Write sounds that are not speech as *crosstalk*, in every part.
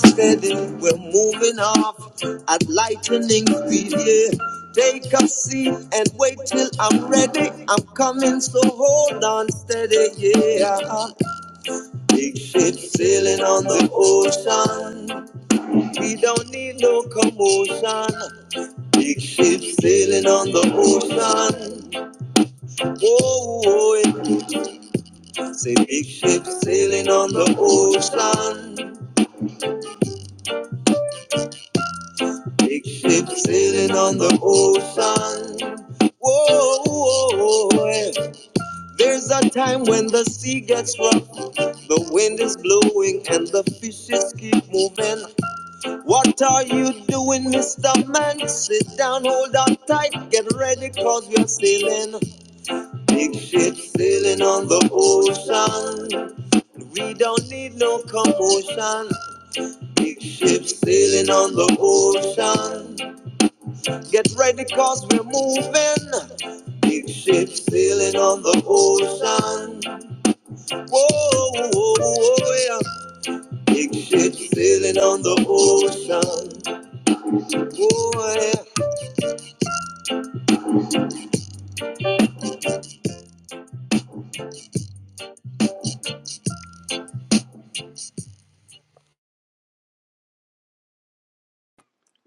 steady. We're moving off at lightning speed. Yeah. Take a seat and wait till I'm ready. I'm coming, so hold on steady. Yeah. Big ship sailing on the ocean. We don't need no commotion. Big ship sailing on the ocean. Whoa, whoa, Say big ship sailing on the ocean. Big ship sailing on the ocean. Whoa, whoa, whoa. yeah. There's a time when the sea gets rough, the wind is blowing, and the fishes keep moving. What are you doing, Mr. Man? Sit down, hold on tight, get ready, cause we're sailing. Big ship sailing on the ocean. We don't need no commotion. Big ship sailing on the ocean. Get ready cause we're moving. Big ship sailing on the ocean. Whoa, whoa, whoa, whoa, yeah. Big ship sailing on the ocean. Whoa, yeah.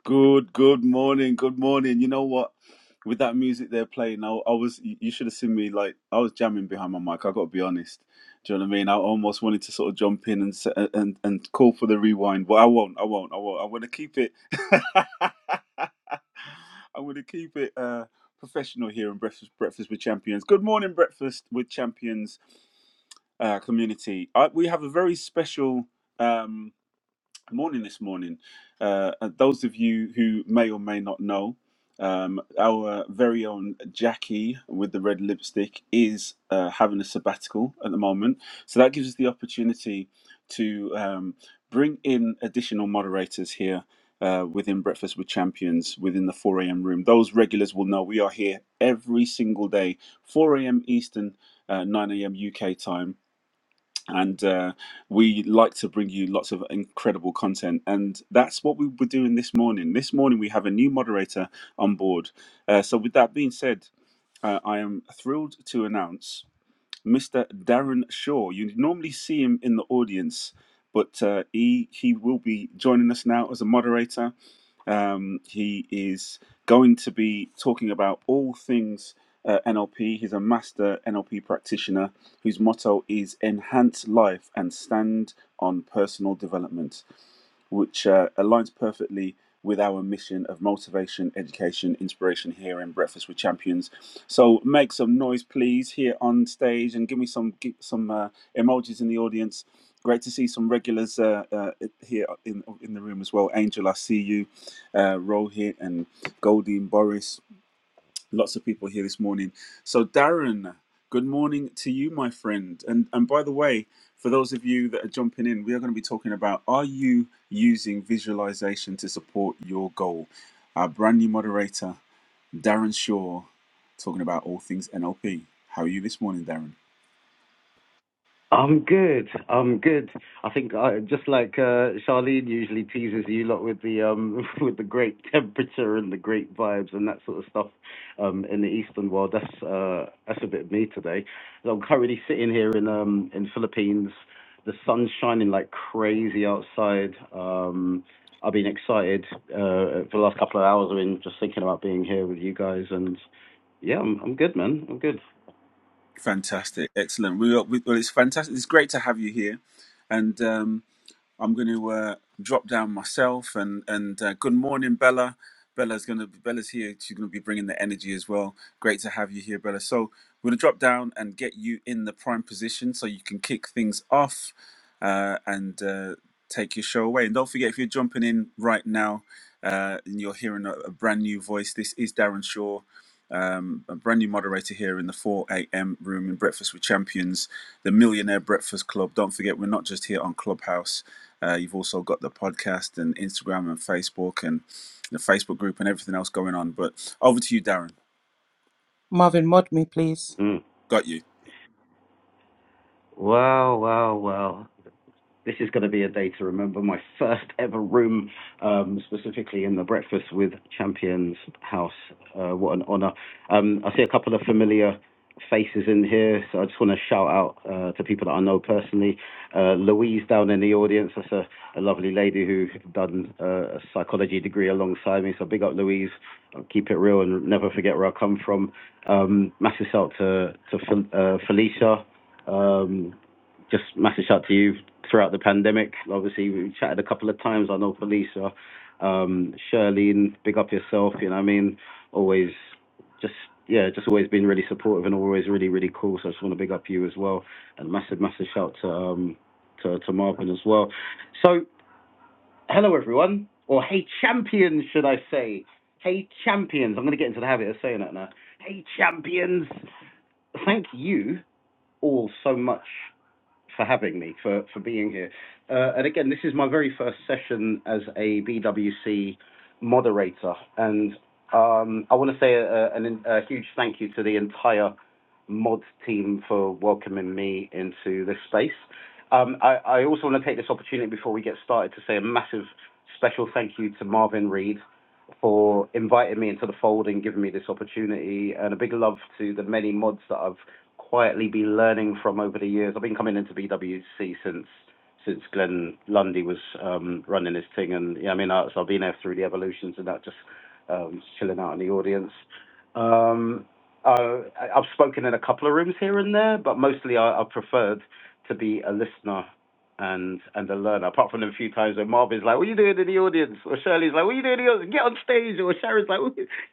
Good, good morning, good morning. You know what? With that music they're playing, I, I was you you should have seen me like I was jamming behind my mic. I got to be honest. Do you know what I mean? I almost wanted to sort of jump in and s- and and call for the rewind, but I won't. I won't. I won't. I want to keep it. *laughs* I want to keep it uh, professional here in breakfast breakfast with champions. Good morning, breakfast with champions uh, community. I, we have a very special. Um, morning this morning. Uh, and those of you who may or may not know, um, our very own Jackie with the red lipstick is uh, having a sabbatical at the moment. So that gives us the opportunity to um, bring in additional moderators here. Uh, within Breakfast with Champions, within the 4 a.m. room. Those regulars will know we are here every single day, 4 a.m. Eastern, uh, 9 a.m. UK time and uh, we like to bring you lots of incredible content and that's what we were doing this morning this morning we have a new moderator on board uh, so with that being said uh, i am thrilled to announce mr darren shaw you normally see him in the audience but uh, he, he will be joining us now as a moderator um, he is going to be talking about all things uh, NLP. He's a master NLP practitioner whose motto is Enhance Life and Stand on Personal Development, which uh, aligns perfectly with our mission of motivation, education, inspiration here in Breakfast with Champions. So make some noise, please, here on stage and give me some, give some uh, emojis in the audience. Great to see some regulars uh, uh, here in, in the room as well. Angel, I see you uh, Rohit and Goldie and Boris. Lots of people here this morning. So, Darren, good morning to you, my friend. And and by the way, for those of you that are jumping in, we are going to be talking about are you using visualization to support your goal? Our brand new moderator, Darren Shaw, talking about all things NLP. How are you this morning, Darren? I'm good. I'm good. I think I, just like uh, Charlene usually teases you lot with the um *laughs* with the great temperature and the great vibes and that sort of stuff um in the Eastern world. That's uh that's a bit of me today. So I'm currently sitting here in um in Philippines. The sun's shining like crazy outside. Um, I've been excited uh, for the last couple of hours. I've been just thinking about being here with you guys, and yeah, I'm I'm good, man. I'm good. Fantastic, excellent. We, are- we well, it's fantastic. It's great to have you here, and. Um, I'm going to uh, drop down myself and and uh, good morning, Bella. Bella's going to Bella's here. She's going to be bringing the energy as well. Great to have you here, Bella. So we're going to drop down and get you in the prime position so you can kick things off uh, and uh, take your show away. And don't forget if you're jumping in right now. Uh, and you're hearing a, a brand new voice. This is Darren Shaw um, a brand new moderator here in the 4 a.m. room in Breakfast with Champions, the Millionaire Breakfast Club. Don't forget, we're not just here on Clubhouse. Uh, you've also got the podcast and Instagram and Facebook and the Facebook group and everything else going on. But over to you, Darren. Marvin, mod me, please. Mm. Got you. Wow, wow, wow. This is going to be a day to remember. My first ever room, um, specifically in the Breakfast with Champions House. Uh, what an honour. Um, I see a couple of familiar faces in here, so I just want to shout out uh, to people that I know personally. Uh, Louise down in the audience, that's a, a lovely lady who done uh, a psychology degree alongside me, so big up Louise. I'll keep it real and never forget where I come from. Um, massive shout to to Fel- uh, Felicia. Um, just massive shout out to you throughout the pandemic. Obviously, we chatted a couple of times. I know Felicia, um, Shirlene, big up yourself. You know what I mean? Always just, yeah, just always been really supportive and always really, really cool. So I just want to big up you as well. And massive, massive shout to, um, to, to Marvin as well. So, hello everyone, or hey champions, should I say? Hey champions, I'm going to get into the habit of saying that now. Hey champions, thank you all so much for having me, for, for being here. Uh, and again, this is my very first session as a BWC moderator. And um, I want to say a, a, a huge thank you to the entire mod team for welcoming me into this space. Um, I, I also want to take this opportunity before we get started to say a massive special thank you to Marvin Reed for inviting me into the fold and giving me this opportunity, and a big love to the many mods that I've quietly be learning from over the years. I've been coming into BWC since since Glenn Lundy was um, running his thing, and yeah, I mean, i so I've been there through the evolutions and that, just um, chilling out in the audience. Um, uh, I- I've spoken in a couple of rooms here and there, but mostly I, I preferred to be a listener and and a learner. Apart from the few times when Marvin's like, "What are you doing in the audience?" or Shirley's like, "What are you doing in the audience? Get on stage!" or Sharon's like,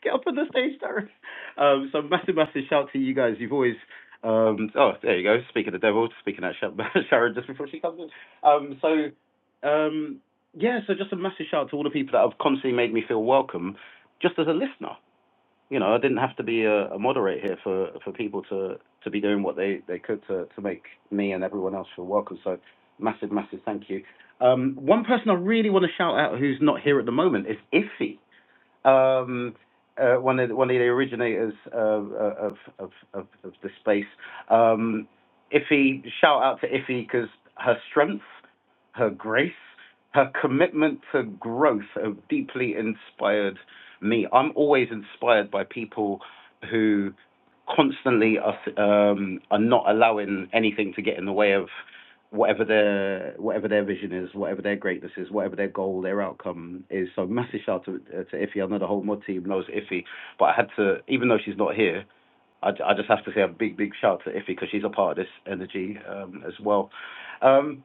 "Get up on the stage, Sharon." Um, so massive, massive shout to you guys. You've always um, oh, there you go. Speaking of the devil, speaking at *laughs* Sharon just before she comes in. Um, so, um, yeah, so just a massive shout out to all the people that have constantly made me feel welcome just as a listener. You know, I didn't have to be a, a moderator here for, for people to, to be doing what they, they could to, to make me and everyone else feel welcome. So, massive, massive thank you. Um, one person I really want to shout out who's not here at the moment is Iffy um, uh, one of the, one of the originators uh, of, of of of the space. Um, Iffy, shout out to Iffy because her strength, her grace, her commitment to growth have deeply inspired me. I'm always inspired by people who constantly are um, are not allowing anything to get in the way of whatever their whatever their vision is, whatever their greatness is, whatever their goal, their outcome is. So massive shout out to, uh, to Iffy. I know the whole mod team knows Iffy, but I had to, even though she's not here, I, I just have to say a big big shout to Iffy because she's a part of this energy um, as well. Um,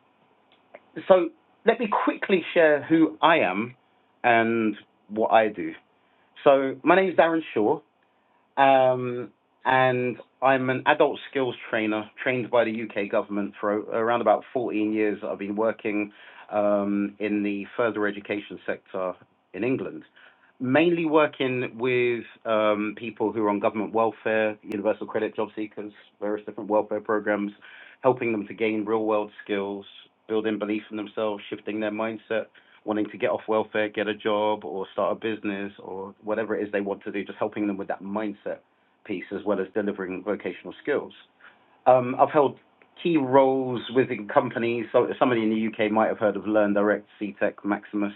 so let me quickly share who I am and what I do. So my name is Darren Shaw. Um, and I'm an adult skills trainer trained by the UK government for o- around about 14 years. I've been working um, in the further education sector in England, mainly working with um, people who are on government welfare, universal credit, job seekers, various different welfare programs, helping them to gain real world skills, building belief in themselves, shifting their mindset wanting to get off welfare, get a job, or start a business, or whatever it is they want to do, just helping them with that mindset piece as well as delivering vocational skills. Um, I've held key roles within companies. So somebody in the UK might have heard of Learn Direct, CTEC, Maximus,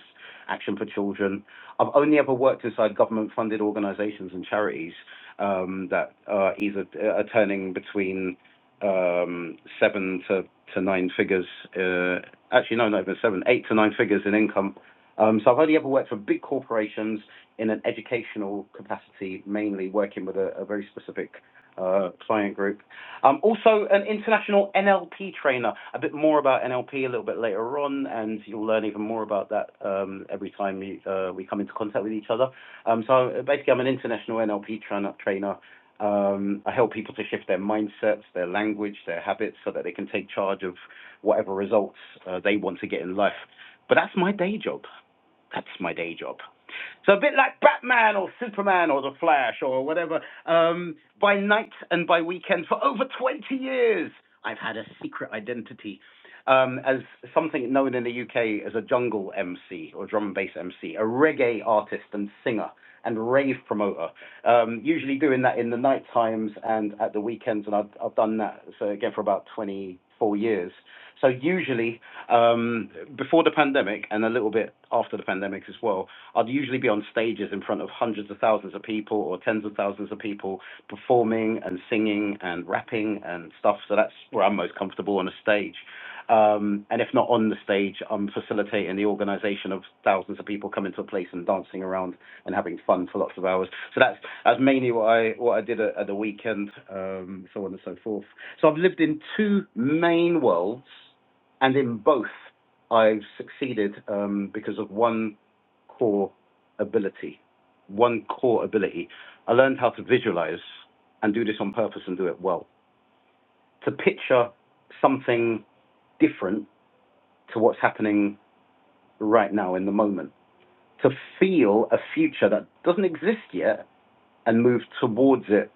Action for Children. I've only ever worked inside government-funded organisations and charities um, that are either are turning between um, seven to, to nine figures. Uh, actually, no, not even seven, eight to nine figures in income. Um, so I've only ever worked for big corporations in an educational capacity, mainly working with a, a very specific uh, client group. Um, also, an international NLP trainer. A bit more about NLP a little bit later on, and you'll learn even more about that um, every time you, uh, we come into contact with each other. Um, so uh, basically, I'm an international NLP trainer. trainer. Um, I help people to shift their mindsets, their language, their habits, so that they can take charge of whatever results uh, they want to get in life. But that's my day job. That's my day job. So a bit like Batman or Superman or The Flash or whatever, um, by night and by weekend for over 20 years, I've had a secret identity um, as something known in the UK as a jungle MC or drum and bass MC, a reggae artist and singer and rave promoter. Um, usually doing that in the night times and at the weekends, and I've, I've done that so again for about 24 years. So usually um, Before the pandemic and a little bit after the pandemic as well, I'd usually be on stages in front of hundreds of thousands of people or tens of thousands of people performing and singing and rapping and stuff. So that's where I'm most comfortable on a stage. Um, and if not on the stage, I'm facilitating the organisation of thousands of people coming to a place and dancing around and having fun for lots of hours. So that's that's mainly what I what I did at, at the weekend, um, so on and so forth. So I've lived in two main worlds and in both I've succeeded um, because of one core ability. One core ability. I learned how to visualize and do this on purpose and do it well. To picture something different to what's happening right now in the moment. To feel a future that doesn't exist yet and move towards it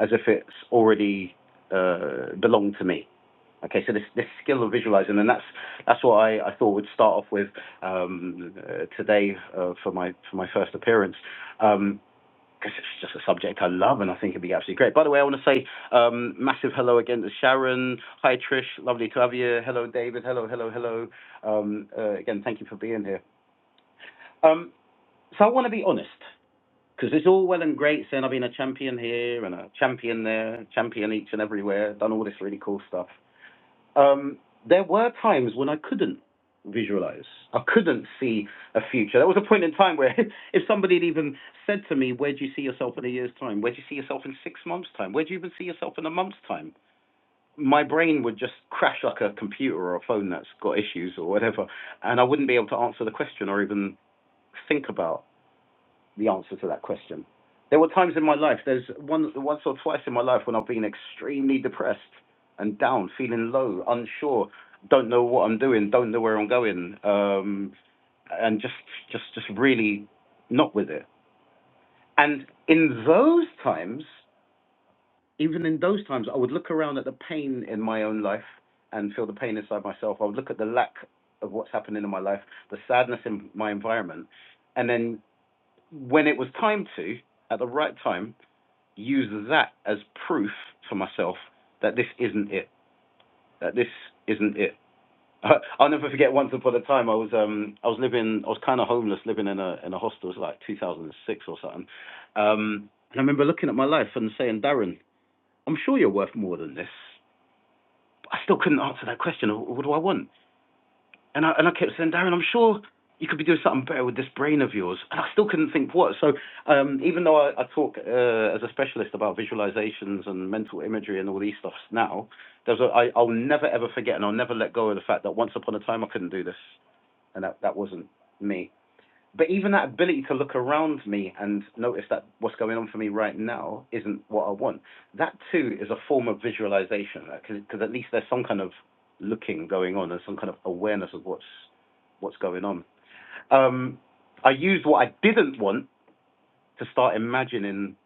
as if it's already uh, belonged to me Okay, so this, this skill of visualizing, and that's that's what I, I thought would start off with um, uh, today uh, for my for my first appearance, because um, it's just a subject I love, and I think it'd be absolutely great. By the way, I want to say um, massive hello again to Sharon. Hi Trish, lovely to have you. Hello David. Hello, hello, hello. Um, uh, again, thank you for being here. Um, so I want to be honest, because it's all well and great saying I've been a champion here and a champion there, champion each and everywhere, done all this really cool stuff. Um, there were times when I couldn't visualize. I couldn't see a future. There was a point in time where *laughs* if somebody had even said to me, Where do you see yourself in a year's time? Where do you see yourself in six months' time? Where do you even see yourself in a month's time? My brain would just crash like a computer or a phone that's got issues or whatever, and I wouldn't be able to answer the question or even think about the answer to that question. There were times in my life, there's one, once or twice in my life when I've been extremely depressed and down, feeling low, unsure, don't know what I'm doing, don't know where I'm going, um, and just, just, just really not with it. And in those times, even in those times, I would look around at the pain in my own life and feel the pain inside myself. I would look at the lack of what's happening in my life, the sadness in my environment, and then when it was time to, at the right time, use that as proof for myself that this isn't it. That this isn't it. *laughs* I'll never forget. Once upon a time, I was um I was living I was kind of homeless, living in a in a hostel. It was like 2006 or something. Um, and I remember looking at my life and saying, Darren, I'm sure you're worth more than this. I still couldn't answer that question. What do I want? And I, and I kept saying, Darren, I'm sure you could be doing something better with this brain of yours. And I still couldn't think what. So um, even though I, I talk uh, as a specialist about visualizations and mental imagery and all these stuffs now, there's a, I, I'll never ever forget and I'll never let go of the fact that once upon a time I couldn't do this. And that, that wasn't me. But even that ability to look around me and notice that what's going on for me right now isn't what I want, that too is a form of visualization because at least there's some kind of looking going on and some kind of awareness of what's what's going on. Um, I used what I didn't want to start imagining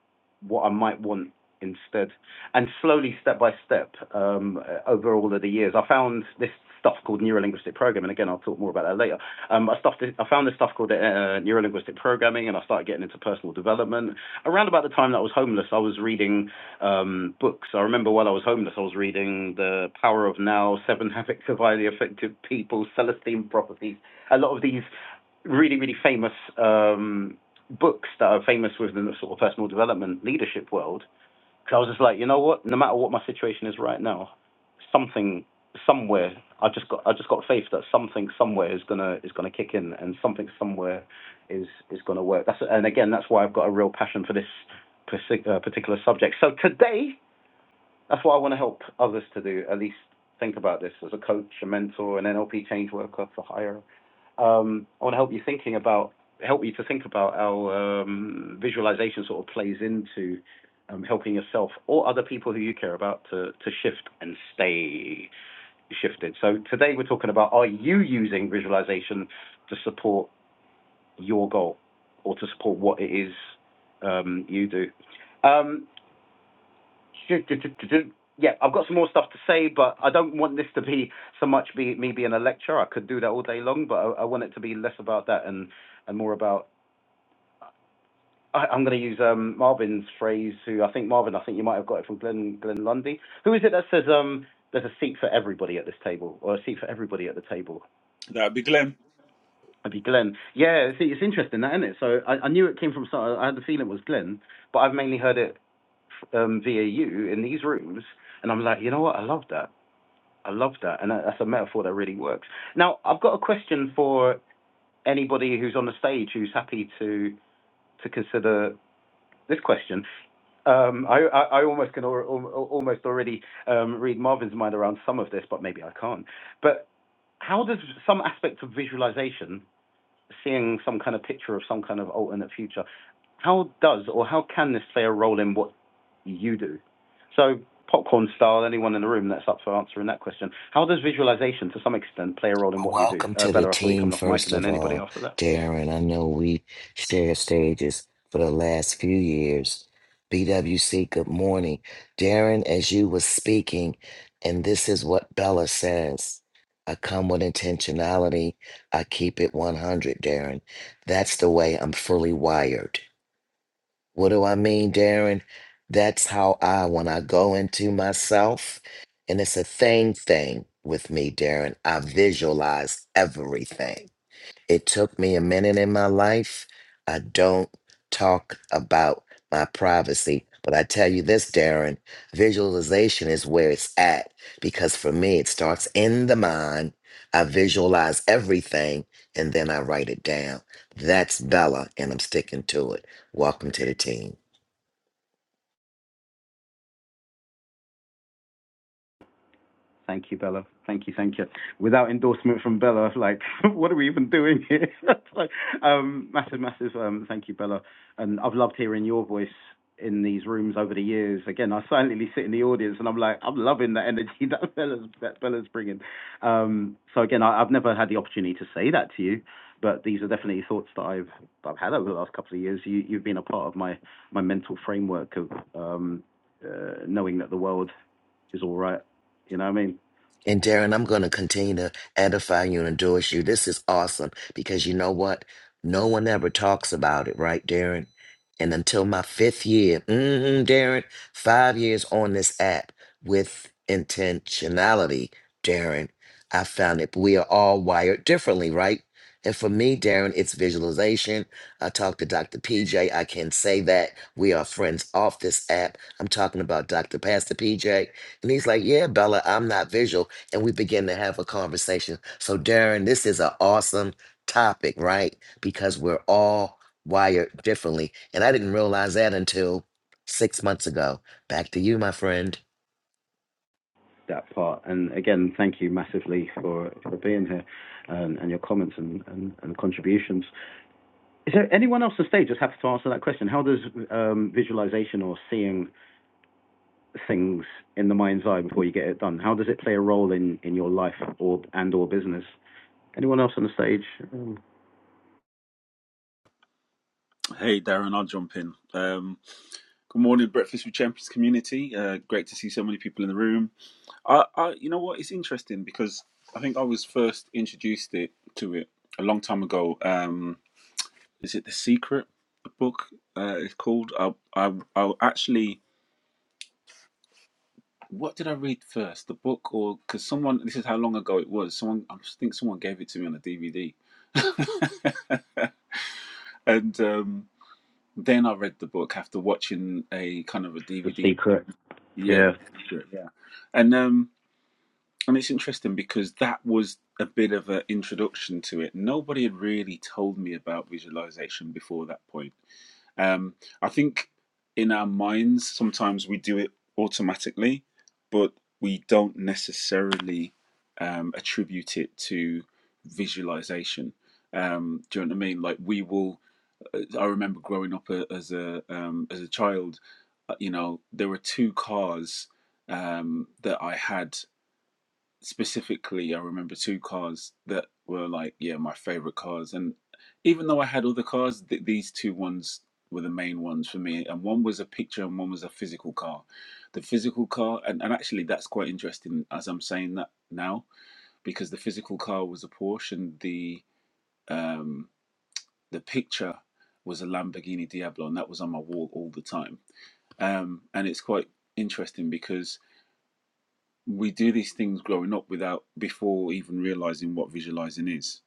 what I might want instead. And slowly, step by step, um, uh, over all of the years, I found this stuff called neurolinguistic programming. Again, I'll talk more about that later. Um, I, stuffed it, I found this stuff called uh, neurolinguistic programming, and I started getting into personal development. Around about the time that I was homeless, I was reading um, books. I remember while I was homeless, I was reading The Power of Now, Seven Habits of Highly Effective People, Celestine Properties, a lot of these really, really famous um, books that are famous within the sort of personal development leadership world. Because I was just like, you know what? No matter what my situation is right now, something somewhere I just got I just got faith that something somewhere is gonna is gonna kick in and something somewhere is is gonna work. That's and again that's why I've got a real passion for this partic- uh, particular subject. So today that's what I want to help others to do. At least think about this as a coach, a mentor, an NLP change worker for hire. Um, I want to help you thinking about help you to think about how um, visualization sort of plays into um, helping yourself or other people who you care about to to shift and stay shifted. So today we're talking about are you using visualization to support your goal or to support what it is um, you do. Um, yeah, I've got some more stuff to say, but I don't want this to be so much be, me being a lecturer. I could do that all day long, but I, I want it to be less about that and, and more about. I, I'm going to use um, Marvin's phrase, who I think Marvin, I think you might have got it from Glenn, Glenn Lundy. Who is it that says um, there's a seat for everybody at this table, or a seat for everybody at the table? That'd be Glenn. It'd be Glenn. Yeah, see, it's interesting, that, isn't it? So I, I knew it came from some. I had the feeling it was Glenn, but I've mainly heard it um, via you in these rooms, and I'm like, you know what? I love that. I love that, and that's a metaphor that really works. Now, I've got a question for anybody who's on the stage who's happy to to consider this question. Um, I, I I almost can al- al- almost already um, read Marvin's mind around some of this, but maybe I can't. But how does some aspects of visualization seeing some kind of picture of some kind of alternate future. How does or how can this play a role in what you do? So, popcorn style, anyone in the room that's up for answering that question. How does visualization, to some extent, play a role in Well, what you do? Welcome Uh, to the Bella, I saw you team, coming off mic, first and then of anybody all, after that. Darren. I know we shared stages for the last few years. BWC, good morning. Darren, as you were speaking, and this is what Bella says I come with intentionality, I keep it 100, Darren. That's the way I'm fully wired. What do I mean, Darren? That's how I, when I go into myself, and it's a thing thing with me, Darren, I visualize everything. It took me a minute in my life. I don't talk about my privacy, but I tell you this, Darren, visualization is where it's at because for me, it starts in the mind. I visualize everything and then I write it down. That's Bella, and I'm sticking to it. Welcome to the team. Thank you, Bella. Thank you, thank you. Without endorsement from Bella, like, *laughs* what are we even doing here? *laughs* like, um, massive, massive. Um, thank you, Bella. And I've loved hearing your voice in these rooms over the years. Again, I silently sit in the audience and I'm like, I'm loving the energy *laughs* that Bella's that Bella's bringing. Um, so again, I, I've never had the opportunity to say that to you, but these are definitely thoughts that I've that I've had over the last couple of years. You, you've been a part of my my mental framework of um, uh, knowing that the world is all right. You know what I mean? And Darren, I'm going to continue to edify you and endorse you. This is awesome because you know what? No one ever talks about it, right, Darren? And until my fifth year, mm Darren, five years on this app with intentionality, Darren, I found it. We are all wired differently, right? And for me, Darren, it's visualization. I talked to Dr. PJ. I can say that we are friends off this app. I'm talking about Dr. Pastor PJ. And he's like, Yeah, Bella, I'm not visual and we begin to have a conversation. So, Darren, this is an awesome topic, right? Because we're all wired differently. And I didn't realize that until six months ago. Back to you, my friend. that part. And again, thank you massively for, for being here and, and your comments and, and, and contributions. Is there anyone else on stage? Just happy to answer that question. How does um, visualization or seeing things in the mind's eye before you get it done? How does it play a role in, in your life or and or business? Anyone else on the stage? Um, Hey, Darren, I'll jump in. Um, good morning, Breakfast with Champions community. Uh, great to see so many people in the room. I, I, you know what? It's interesting because I think I was first introduced it to it a long time ago. Um, is it The Secret The book? Uh, it's called. I I I actually. What did I read first, the book or because someone? This is how long ago it was. Someone, I think someone gave it to me on a DVD, *laughs* and um, then I read the book after watching a kind of a the DVD. secret. Yeah, Yeah, yeah, and um, and it's interesting because that was a bit of an introduction to it. Nobody had really told me about visualization before that point Um, I think in our minds, sometimes we do it automatically, but we don't necessarily um, attribute it to visualization. Um, do you know what I mean? Like we will. uh, I remember growing up a, as a um, as a child. uh, You know, there were two cars um, that I had specifically, I remember two cars that were like, yeah, my favorite cars. And even though I had other cars, th- these two ones were the main ones for me. And one was a picture, and one was a physical car. The physical car, and, and actually, that's quite interesting as I'm saying that now, because the physical car was a Porsche, and the um, the picture was a Lamborghini Diablo, and that was on my wall all the time. Um, and it's quite interesting because we do these things growing up without before even realizing what visualizing is.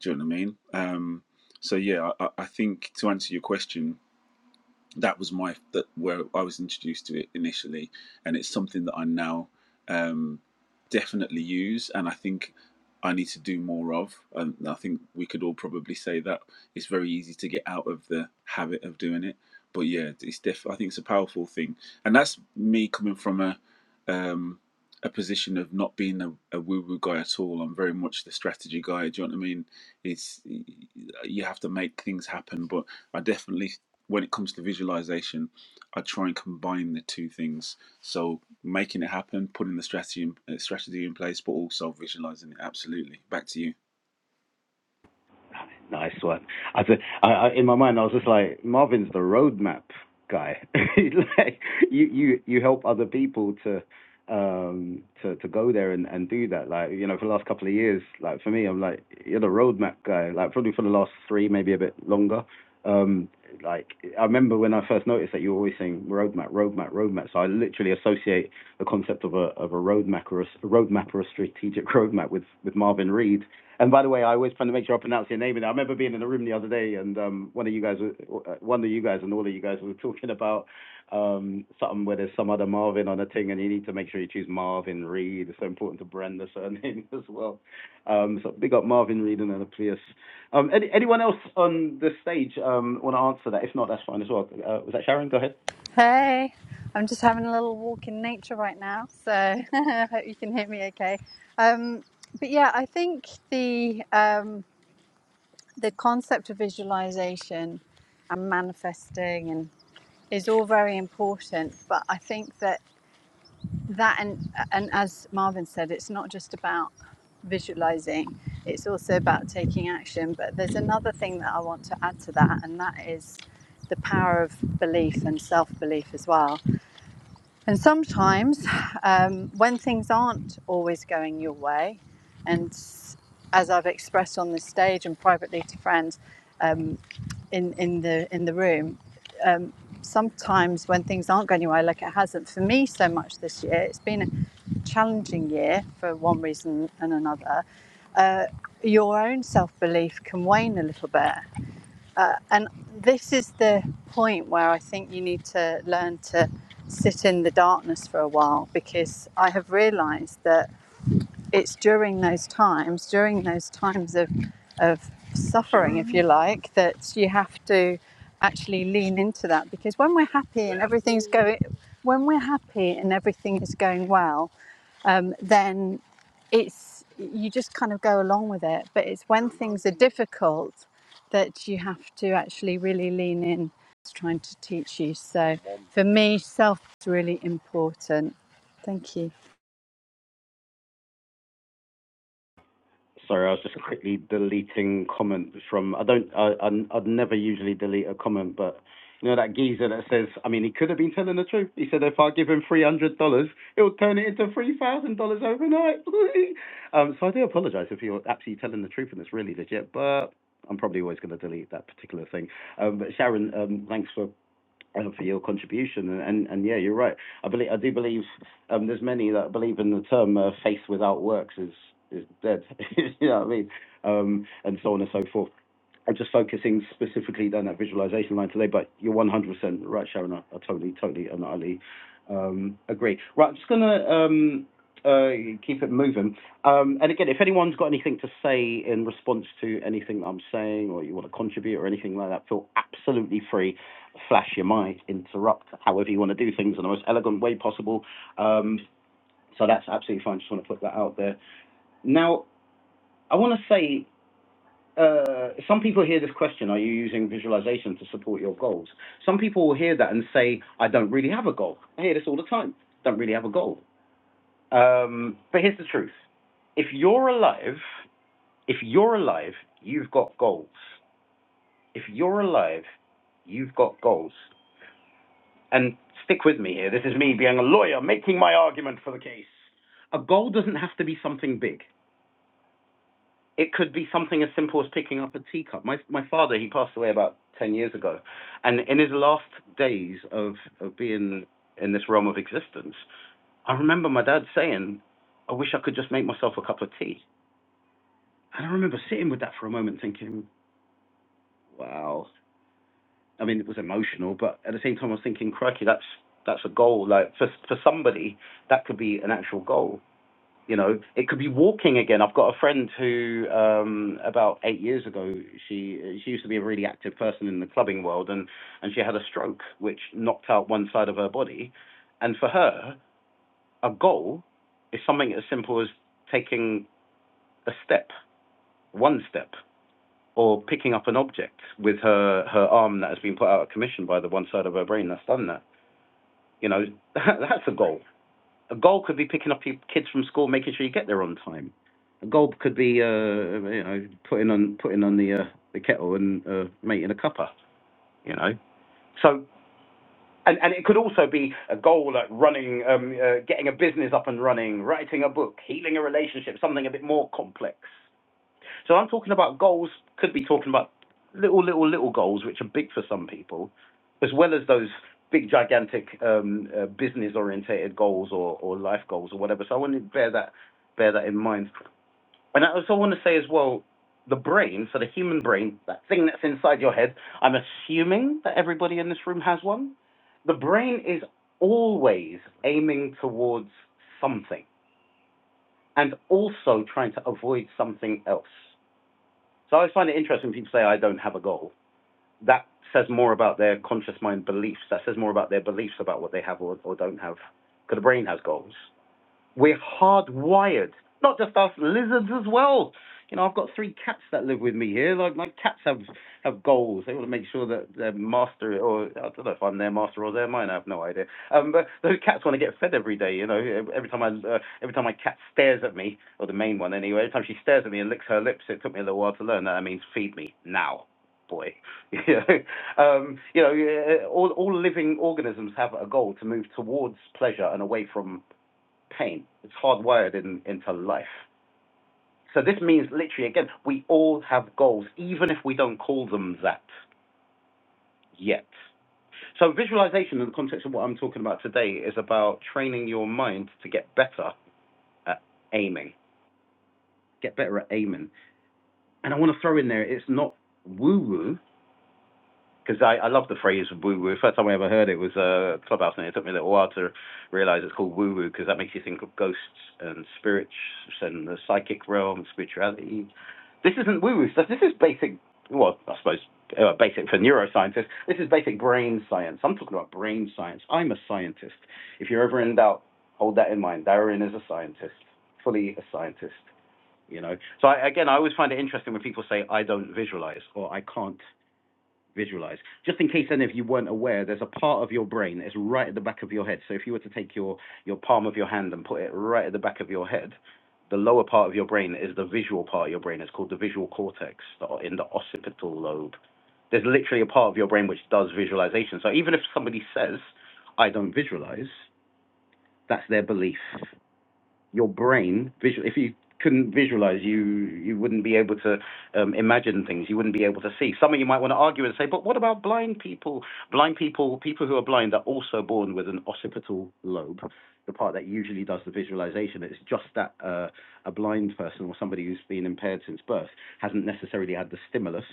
Do you know what I mean? Um, so yeah, I, I think to answer your question, that was my that where I was introduced to it initially, and it's something that I now um, definitely use, and I think I need to do more of. And I think we could all probably say that it's very easy to get out of the habit of doing it. But yeah, it's def- I think it's a powerful thing, and that's me coming from a um, a position of not being a, a woo-woo guy at all. I'm very much the strategy guy. Do you know what I mean? It's you have to make things happen, but I definitely, when it comes to visualization, I try and combine the two things. So making it happen, putting the strategy in, uh, strategy in place, but also visualizing it. Absolutely. Back to you. Nice one. I, said, I, in my mind, I was just like, Marvin's the roadmap guy. *laughs* like, you, you, you help other people to, um, to, to go there and, and do that. Like, you know, for the last couple of years, like for me, I'm like, you're the roadmap guy. Like, probably for the last three, maybe a bit longer. Um, like, I remember when I first noticed that you were always saying roadmap, roadmap, roadmap. So I literally associate the concept of a of a roadmap or a a roadmap or a strategic *laughs* roadmap with with Marvin Reed and by the way, I always try to make sure I pronounce your name. And I remember being in a room the other day, and um, one of you guys, uh, one of you guys, and all of you guys were *laughs* talking about um, something where there's some other Marvin on a thing, and you need to make sure you choose Marvin Reed. It's so important to brand the surname *laughs* as well. Um, so big up Marvin Reed and Anaplius. Um, any, anyone else on the stage um, want to answer that? If not, that's fine as well. Uh, was that Sharon? Go ahead. Hey, I'm just having a little walk in nature right now, so *laughs* I hope you can hear me okay. Um, but yeah, I think the um, the concept of visualization and manifesting and is all very important. But I think that that and and as Marvin said, it's not just about visualizing; it's also about taking action. But there's another thing that I want to add to that, and that is the power of belief and self belief as well and sometimes, um, when things aren't always going your way, and as I've expressed on this stage and privately to friends um, in in the in the room, um, sometimes when things aren't going your way, like it hasn't for me so much this year, it's been a challenging year for one reason and another. Uh, your own self belief can wane a little bit, uh, and this is the point where I think you need to learn to sit in the darkness for a while because I have realized that it's during those times, during those times of, of suffering, if you like, that you have to actually lean into that because when we're happy and everything's going, when we're happy and everything is going well, um, then it's you just kind of go along with it. But it's when things are difficult that you have to actually really lean in. It's trying to teach you. So for me, self is really important. Thank you. Sorry, I was just quickly deleting comments from. I don't. I, I I'd never usually delete a comment, but you know that geezer that says. I mean, he could have been telling the truth. He said if I give him three hundred dollars, he'll turn it into three thousand dollars overnight. *laughs* um, so I do apologize if you're actually telling the truth and it's really legit, but I'm probably always going to delete that particular thing. Um, but Sharon, um, thanks for and for your contribution. And, and, and yeah, you're right. I believe I do believe um, there's many that believe in the term uh, faith without works is is dead. *laughs* you know what I mean? Um, and so on and so forth and just focusing specifically down that visualization line today. But you're 100% right, Sharon. I, I totally, totally, and utterly um, agree. Right, I'm just gonna um, uh, keep it moving. Um, and again, if anyone's got anything to say in response to anything that I'm saying, or you want to contribute or anything like that, feel absolutely free. Flash your mic, interrupt, however you want to do things in the most elegant way possible. Um, so that's absolutely fine. Just want to put that out there. Now, I want to say uh, some people hear this question, are you using visualization to support your goals? Some people will hear that and say, I don't really have a goal. I hear this all the time. Don't really have a goal. Um, but here's the truth. If you're alive, if you're alive, you've got goals. If you're alive, you've got goals. And stick with me here. This is me being a lawyer making my argument for the case. A goal doesn't have to be something big. it could be something as simple as picking up a teacup. My my father, he passed away about ten years ago, and in his last days of of being in this realm of existence, I remember my dad saying, "I wish I could just make myself a cup of tea." And I remember sitting with that for a moment, thinking, "Wow." I mean, it was emotional, but at the same time, I was thinking, "Crikey, that's that's a goal. Like for for somebody, that could be an actual goal." you know it could be walking again i've got a friend who um about 8 years ago she she used to be a really active person in the clubbing world and and she had a stroke which knocked out one side of her body and for her a goal is something as simple as taking a step one step or picking up an object with her her arm that has been put out of commission by the one side of her brain that's done that you know *laughs* that, that's a goal A goal could be picking up your kids from school, making sure you get there on time. A goal could be, uh, you know, putting on putting on the uh, the kettle and uh, making a cuppa. You know, so and and it could also be a goal like running, um, uh, getting a business up and running, writing a book, healing a relationship, something a bit more complex. So I'm talking about goals, could be talking about little, little, little goals, which are big for some people, as well as those big, gigantic um, uh, business-orientated goals or, or life goals or whatever. So I want to bear that bear that in mind. And I also want to say as well, the brain, so the human brain, that thing that's inside your head. I'm assuming that everybody in this room has one. The brain is always aiming towards something and also trying to avoid something else. So I always find it interesting when people say, I don't have a goal. That says more about their conscious mind beliefs. That says more about their beliefs about what they have or, or don't have. Because the brain has goals. We're hardwired. Not just us, lizards as well. You know, I've got three cats that live with me here. Like my cats have have goals. They want to make sure that their master, or I don't know if I'm their master or they're mine. I have no idea. Um, but those cats want to get fed every day. You know, every time I uh, every time my cat stares at me, or the main one anyway, every time she stares at me and licks her lips, it took me a little while to learn that. That means feed me now, boy. *laughs* you know, um, you know, yeah, all all living organisms have a goal to move towards pleasure and away from pain. It's hardwired in, into life. So this means literally, again, we all have goals, even if we don't call them that yet. So visualization in the context of what I'm talking about today is about training your mind to get better at aiming, get better at aiming. And I want to throw in there, it's not woo-woo because I, I love the phrase woo woo. First time I ever heard it was uh, Clubhouse, and it took me a little while to realize it's called woo woo because that makes you think of ghosts and spirits and the psychic realm, spirituality. This isn't woo woo stuff. This is basic, well, I suppose uh, basic for neuroscientists. This is basic brain science. I'm talking about brain science. I'm a scientist. If you're ever in doubt, hold that in mind. Darren is a scientist, fully a scientist. You know, so I, again, I always find it interesting when people say I don't visualize or I can't visualize. Just in case any of you weren't aware, there's a part of your brain that's right at the back of your head. So if you were to take your, your palm of your hand and put it right at the back of your head, the lower part of your brain is the visual part of your brain. It's called the visual cortex the- in the occipital lobe. There's literally a part of your brain which does visualization. So even if somebody says, I don't visualize, that's their belief your brain visual if you couldn't visualize you you wouldn't be able to um, imagine things you wouldn't be able to see some of you might want to argue and say but what about blind people blind people people who are blind are also born with an occipital lobe the part that usually does the visualization it's just that uh, a blind person or somebody who's been impaired since birth hasn't necessarily had the stimulus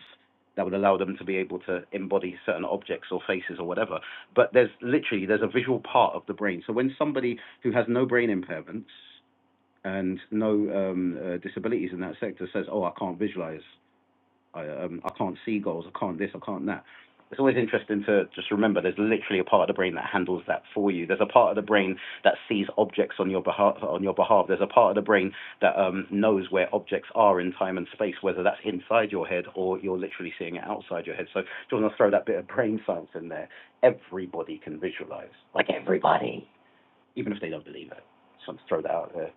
that would allow them to be able to embody certain objects or faces or whatever but there's literally there's a visual part of the brain so when somebody who has no brain impairments and no um, uh, disabilities in that sector says, "Oh, I can't visualize, I, um, I can't see goals, I can't this, I can't that." It's always interesting to just remember there's literally a part of the brain that handles that for you. There's a part of the brain that sees objects on your behalf. On your behalf, there's a part of the brain that um, knows where objects are in time and space, whether that's inside your head or you're literally seeing it outside your head. So, do you want to throw that bit of brain science in there? Everybody can visualize, like, even if they don't believe it. Just want to throw that out there.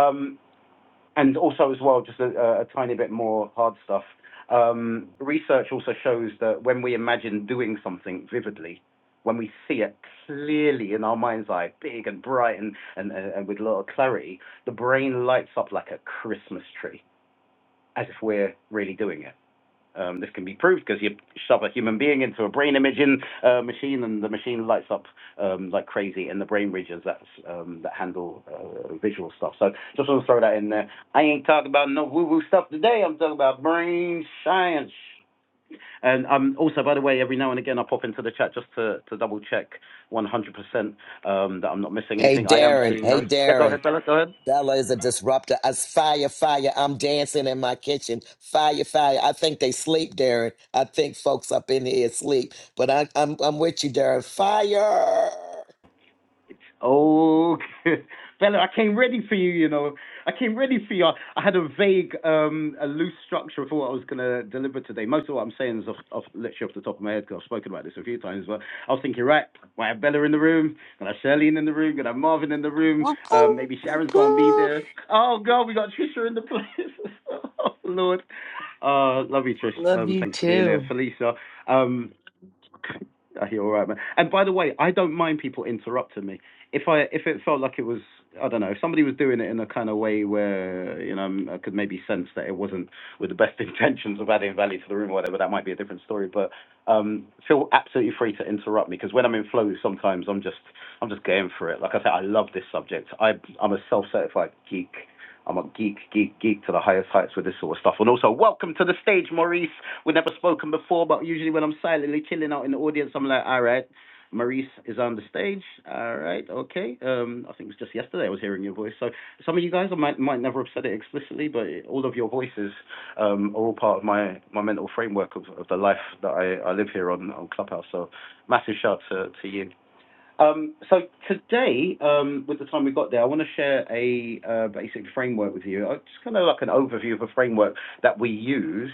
Um, and also as well, just a, a tiny bit more hard stuff. Um, research also shows that when we imagine doing something vividly, when we see it clearly in our mind's eye, big and bright and, and, uh, and with a lot of clarity, the brain lights up like a Christmas tree, as if we're really doing it. Um, this can be proved because you shove a human being into a brain imaging uh, machine, and the machine lights up um, like crazy, and the brain regions that's um, that handle uh, visual stuff. So just want to throw that in there. I ain't talking about no woo-woo stuff today. I'm talking about brain science. And um, also, by the way, every now and again I pop into the chat just to, to double check 100% um, that I'm not missing Hey anything. I am Darren, seeing hey those. Yeah, go Darren. ahead, fella. Go ahead. Bella is a disruptor. It's fire, fire. I'm dancing in my kitchen. Fire, fire. I think they sleep, Darren. I think folks up in here sleep. But I, I'm I'm with you, Darren. Fire. Oh, *laughs* Bella, I came ready for you, you know. I came ready for you. I had a vague, um, a loose structure of what I was going to deliver today. Most of what I'm saying is off, off, literally off the top of my head because I've spoken about this a few times. But I was thinking, right, I have Bella in the room, gonna have Charlene in the room, gonna have Marvin in the room. Um, maybe Sharon's gonna be there. Oh God, we got Trisha in the place. *laughs* oh Lord, uh, love you, Trish. Love Um, you thanks for being here, too. Felicia. Um, *laughs* Are you all right, man? And by the way, I don't mind people interrupting me. If I if it felt like it was, I don't know, if somebody was doing it in a kind of way where you know I could maybe sense that it wasn't with the best *laughs* intentions of adding value to the room or whatever, that might be a different story. But um, feel absolutely free to interrupt me because when I'm in flow, sometimes I'm just I'm just going for it. Like I said, I love this subject. I I'm a self-certified geek. I'm a geek, geek, geek to the highest heights with this sort of stuff. And also, welcome to the stage, Maurice. We've never spoken before, but usually when I'm silently chilling out in the audience, I'm like, all right, Maurice is on the stage. All right, okay. Um, I think it was just yesterday I was hearing your voice. So some of you guys, I might might never have said it explicitly, but all of your voices um, are all part of my, my mental framework of, of the life that I, I live here on, on Clubhouse. So massive shout to, to you. Um, so today, um, with the time we've got there, I want to share a uh, basic framework with you. Uh, Just kind of like an overview of a framework that we use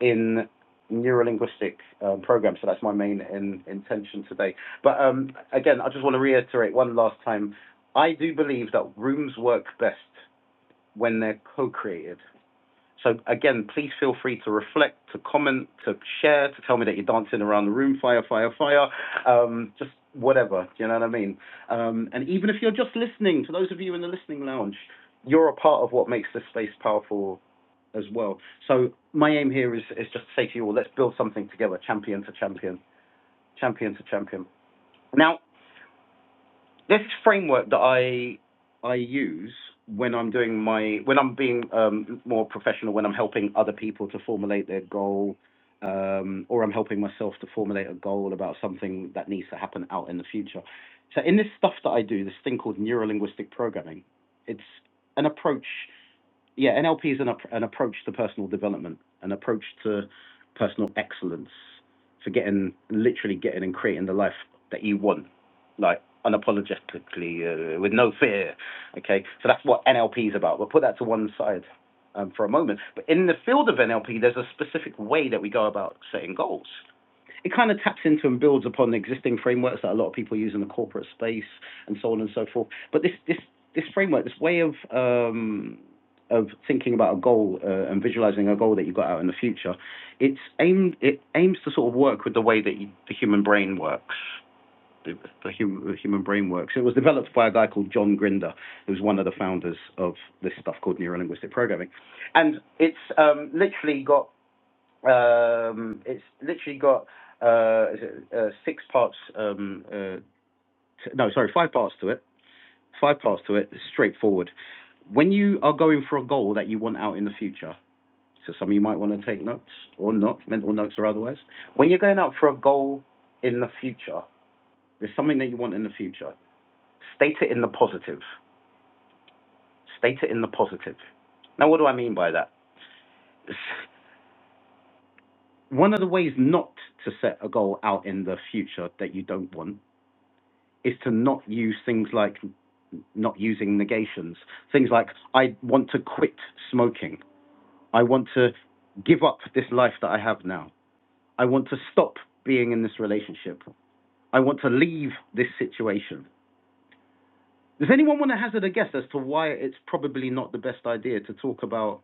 in neurolinguistic um, programs. So that's my main in, intention today. But um, again, I just want to reiterate one last time. I do believe that rooms work best when they're co-created. So again, please feel free to reflect, to comment, to share, to tell me that you're dancing around the room, fire, fire, fire, um, just whatever. Do you know what I mean? Um, and even if you're just listening, to those of you in the listening lounge, you're a part of what makes this space powerful as well. So my aim here is is just to say to you all, let's build something together, champion to champion, champion to champion. Now, this framework that I I use when I'm doing my when I'm being um, more professional, when I'm helping other people to formulate their goal, um, or I'm helping myself to formulate a goal about something that needs to happen out in the future. So in this stuff that I do, this thing called neurolinguistic programming, it's an approach yeah, NLP is an, an approach to personal development, an approach to personal excellence for getting, literally getting and creating the life that you want, like unapologetically, uh, with no fear. Okay, so that's what NLP is about. But put that to one side um, for a moment. But in the field of NLP, there's a specific way that we go about setting goals it kind of taps into and builds upon existing frameworks that a lot of people use in the corporate space and so on and so forth. But this this this framework, this way of um, of thinking about a goal uh, and visualizing a goal that you got out in the future, it's aimed it aims to sort of work with the way that you, the human brain works. The, the, hum, human brain works. It was developed by a guy called John Grinder, who's one of the founders of this stuff called neurolinguistic programming, and it's um, literally got um, it's literally got uh, is it, uh, six parts. Um, uh, t- no, sorry, five parts to it. Five parts to it. It's straightforward. When you are going for a goal that you want out in the future, so some of you might want to take notes or not, mental notes or otherwise. When you're going out for a goal in the future, there's something that you want in the future. State it in the positive. State it in the positive. Now, what do I mean by that? *laughs* One of the ways not to set a goal out in the future that you don't want is to not use things like not using negations. Things like, I want to quit smoking. I want to give up this life that I have now. I want to stop being in this relationship. I want to leave this situation. Does anyone want to hazard a guess as to why it's probably not the best idea to talk about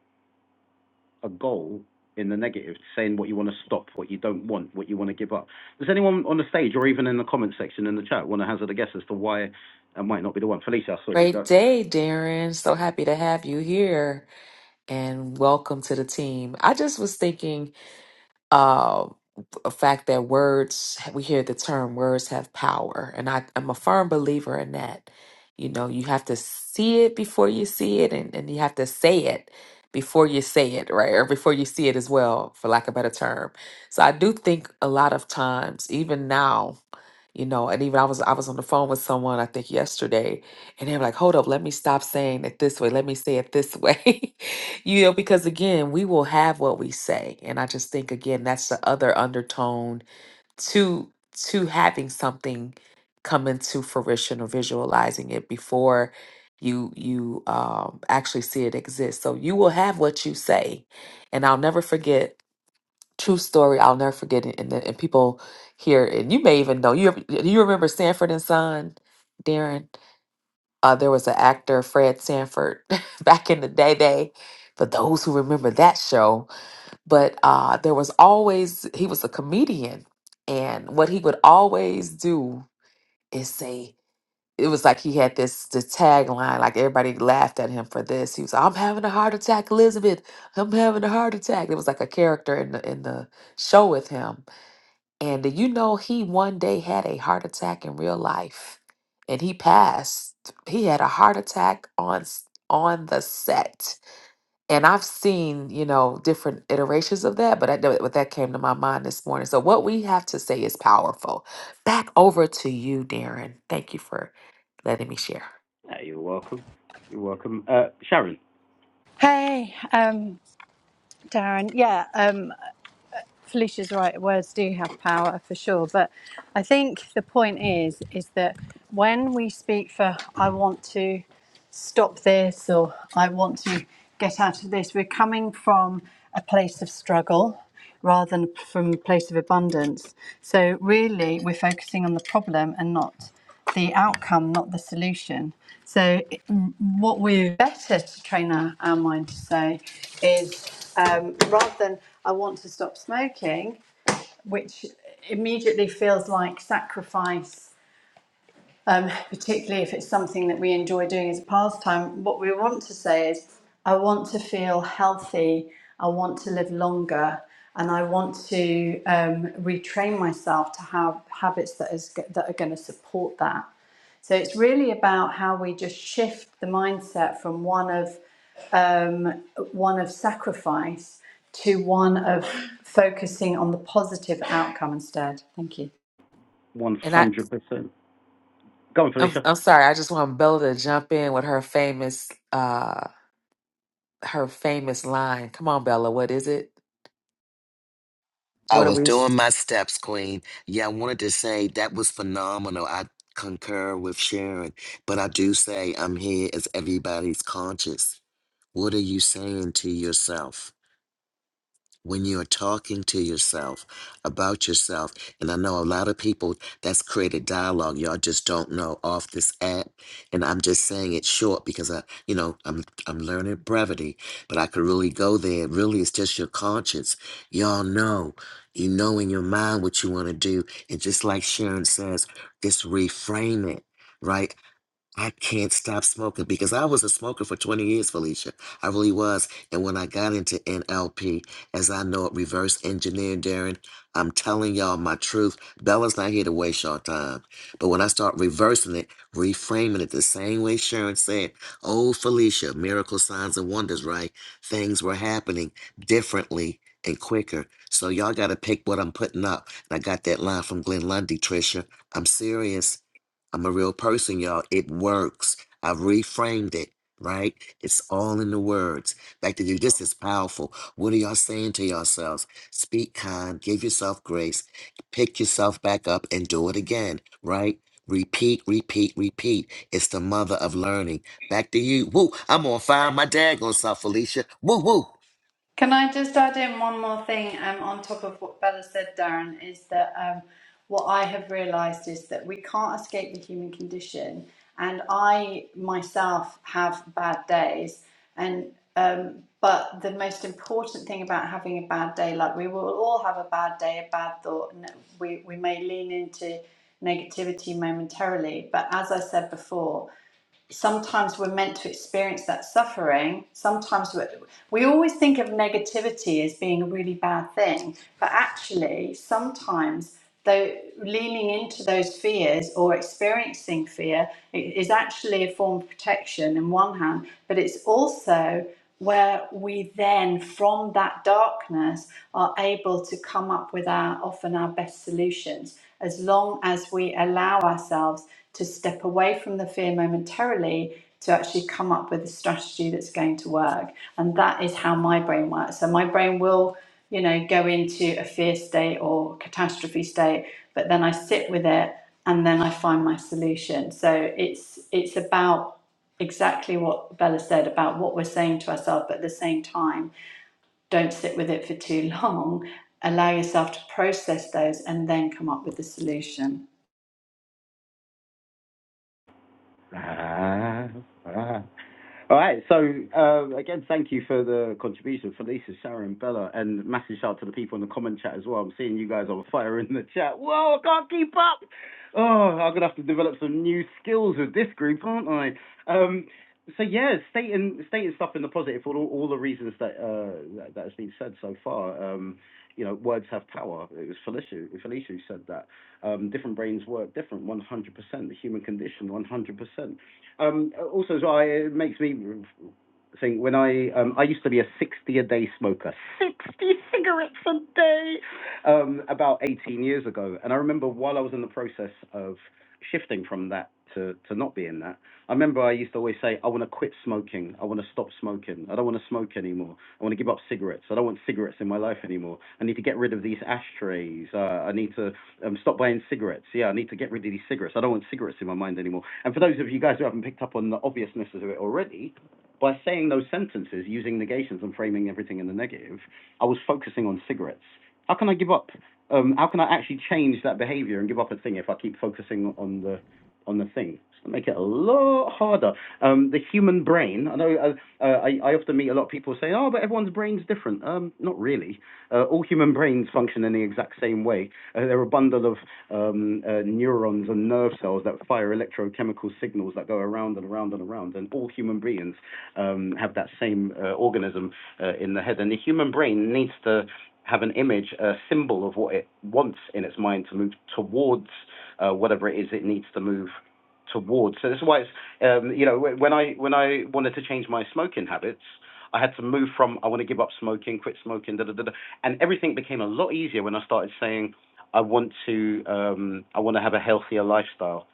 a goal in the negative, saying what you want to stop, what you don't want, what you want to give up? Does anyone on the stage or even in the comment section in the chat want to hazard a guess as to why it might not be the one? Felicia, I saw you Great go. day, Darren. So happy to have you here and welcome to the team. I just was thinking uh, a fact that words we hear the term words have power and I, i'm a firm believer in that you know you have to see it before you see it and, and you have to say it before you say it right or before you see it as well for lack of a better term so i do think a lot of times even now you know and even i was i was on the phone with someone i think yesterday and they were like hold up let me stop saying it this way let me say it this *laughs* way you know, because again, we will have what we say. And I just think again, that's the other undertone to to having something come into fruition or visualizing it before you you um actually see it exist. So you will have what you say. And I'll never forget true story, I'll never forget it. And, the, and people here and you may even know you do you remember Sanford and Son, Darren? Uh, there was an actor, Fred Sanford, *laughs* back in the day, day, for those who remember that show. But uh, there was always, he was a comedian. And what he would always do is say, it was like he had this, this tagline, like everybody laughed at him for this. He was, I'm having a heart attack, Elizabeth. I'm having a heart attack. It was like a character in the, in the show with him and do you know he one day had a heart attack in real life and he passed. He had a heart attack on s- on the set. And I've seen, you know, different iterations of that, but I know what that came to my mind this morning. So what we have to say is powerful. Back over to you, Darren. Thank you for letting me share. No, you're welcome. You're welcome. Uh, Sharon, Hey, um, Darren. Yeah, um, Felicia's right. Words do have power for sure, but I think the point is is that when we speak for "I want to stop this" or "I want to get out of this," we're coming from a place of struggle rather than from a place of abundance. So really, we're focusing on the problem and not the outcome, not the solution. So, what we're better to train our, our mind to say is um, rather than I want to stop smoking, which immediately feels like sacrifice um, particularly if it's something that we enjoy doing as a pastime, what we want to say is, I want to feel healthy, I want to live longer, and I want to um, retrain myself to have habits that is that are going to support that. So it's really about how we just shift the mindset from one of um, one of sacrifice to one of focusing on the positive outcome instead. Thank you. 100%. And I Go on, I'm, Felicia. I'm sorry, I just want Bella to jump in with her famous uh her famous line. Come on, Bella, what is it? I What are was we? doing my steps, Queen. Yeah, I wanted to say that was phenomenal. I concur with Sharon, but I do say I'm here as everybody's conscious. What are you saying to yourself? when you're talking to yourself about yourself and i know a lot of people that's created dialogue y'all just don't know off this app and i'm just saying it short because i you know i'm i'm learning brevity but i could really go there really it's just your conscience y'all know you know in your mind what you want to do and just like sharon says just reframe it right I can't stop smoking because I was a smoker for 20 years, Felicia. I really was. And when I got into NLP, as I know it, reverse engineering, Darren, I'm telling y'all my truth. Bella's not here to waste y'all time. But when I start reversing it, reframing it the same way Sharon said, oh, Felicia, miracle signs and wonders, right? Things were happening differently and quicker. So y'all got to pick what I'm putting up. And I got that line from Glenn Lundy, Trisha. I'm serious. I'm a real person, y'all. It works. I've reframed it, right? It's all in the words. Back to you. This is powerful. What are y'all saying to yourselves? Speak kind, give yourself grace, pick yourself back up and do it again, right? Repeat, repeat, repeat. It's the mother of learning. Back to you. Woo, I'm on fire. My dad gonna self, Felicia. Woo, woo. Can I just add in one more thing um, on top of what Bella said, Darren? Is that um, what I have realised is that we can't escape the human condition, and I myself have bad days, and um, but the most important thing about having a bad day, like we will all have a bad day, a bad thought, and we we may lean into negativity momentarily, but as I said before sometimes we're meant to experience that suffering. Sometimes we we always think of negativity as being a really bad thing, but actually, sometimes though leaning into those fears or experiencing fear is actually a form of protection in one hand, but it's also where we then from that darkness are able to come up with our often our best solutions as long as we allow ourselves to step away from the fear momentarily to actually come up with a strategy that's going to work. And that is how my brain works. So my brain will, you know, go into a fear state or catastrophe state, but then I sit with it and then I find my solution. So it's it's about exactly what Bella said about what we're saying to ourselves, but at the same time, don't sit with it for too long. Allow yourself to process those and then come up with the solution. Ah, ah. All right. So uh, again, thank you for the contribution, Felicia, Sharon, Bella, and massive shout out to the people in the comment chat as well. I'm seeing you guys on fire in the chat. Whoa, I can't keep up. Oh, I'm gonna have to develop some new skills with this group, aren't I? Um, so yeah, stating stating stuff in the positive for all, all the reasons that, uh, that that has been said so far. Um, you know, words have power. It was Felicia, Felicia who said that. Um, different brains work different, 100%. The human condition, 100%. Um, also, as well, it makes me think when I um, I used to be a sixty a day smoker. Six yay, um, about 18 years ago. And I remember while I was in the process of shifting from that to, to not being that, I remember I used to always say, I want to quit smoking. I want to stop smoking. I don't want to smoke anymore. I want to give up cigarettes. I don't want cigarettes in my life anymore. I need to get rid of these ashtrays. Uh, I need to um, stop buying cigarettes. Yeah, I need to get rid of these cigarettes. I don't want cigarettes in my mind anymore. And for those of you guys who haven't picked up on the obviousness of it already, by saying those sentences using negations and framing everything in the negative, I was focusing on cigarettes. How can I give up? Um, how can I actually change that behavior and give up a thing if I keep focusing on the on the thing? It's make it a lot harder. Um, the human brain. I know uh, uh, I, I often meet a lot of people saying, "Oh, but everyone's brain's different." Um, not really. Uh, all human brains function in the exact same way. Uh, they're a bundle of um, uh, neurons and nerve cells that fire electrochemical signals that go around and around and around. And all human beings um, have that same uh, organism uh, in the head. And the human brain needs to have an image, a symbol of what it wants in its mind to move towards uh, whatever it is it needs to move towards. So this is why it's um, you know when I when I wanted to change my smoking habits, I had to move from I want to give up smoking, quit smoking, da da da, da and everything became a lot easier when I started saying I want to um, I want to have a healthier lifestyle.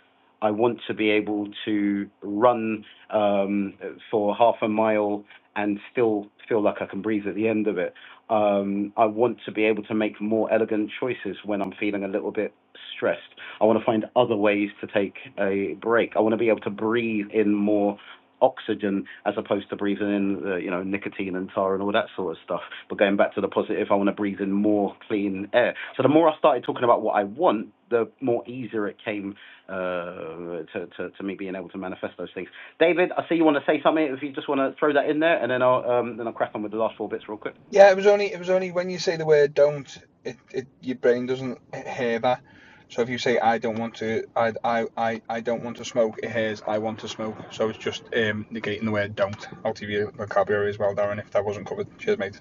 I want to be able to run um, for half a mile and still feel like I can breathe at the end of it um, I want to be able to make more elegant choices when I'm feeling a little bit stressed. I want to find other ways to take a break. I want to be able to breathe in more oxygen as opposed to breathing in the you know nicotine and tar and all that sort of stuff but going back to the positive i want to breathe in more clean air so the more i started talking about what i want the more easier it came uh to, to, to me being able to manifest those things david i see you want to say something if you just want to throw that in there and then i'll um then i'll crack on with the last four bits real quick Yeah, it was only it was only when you say the word "don't," it, it your brain doesn't hear that. So if you say "I don't want to," I I I, I don't want to smoke, it hears "I want to smoke." So it's just um, negating the word "don't" out of your vocabulary as well, Darren. If that wasn't covered, cheers, mate.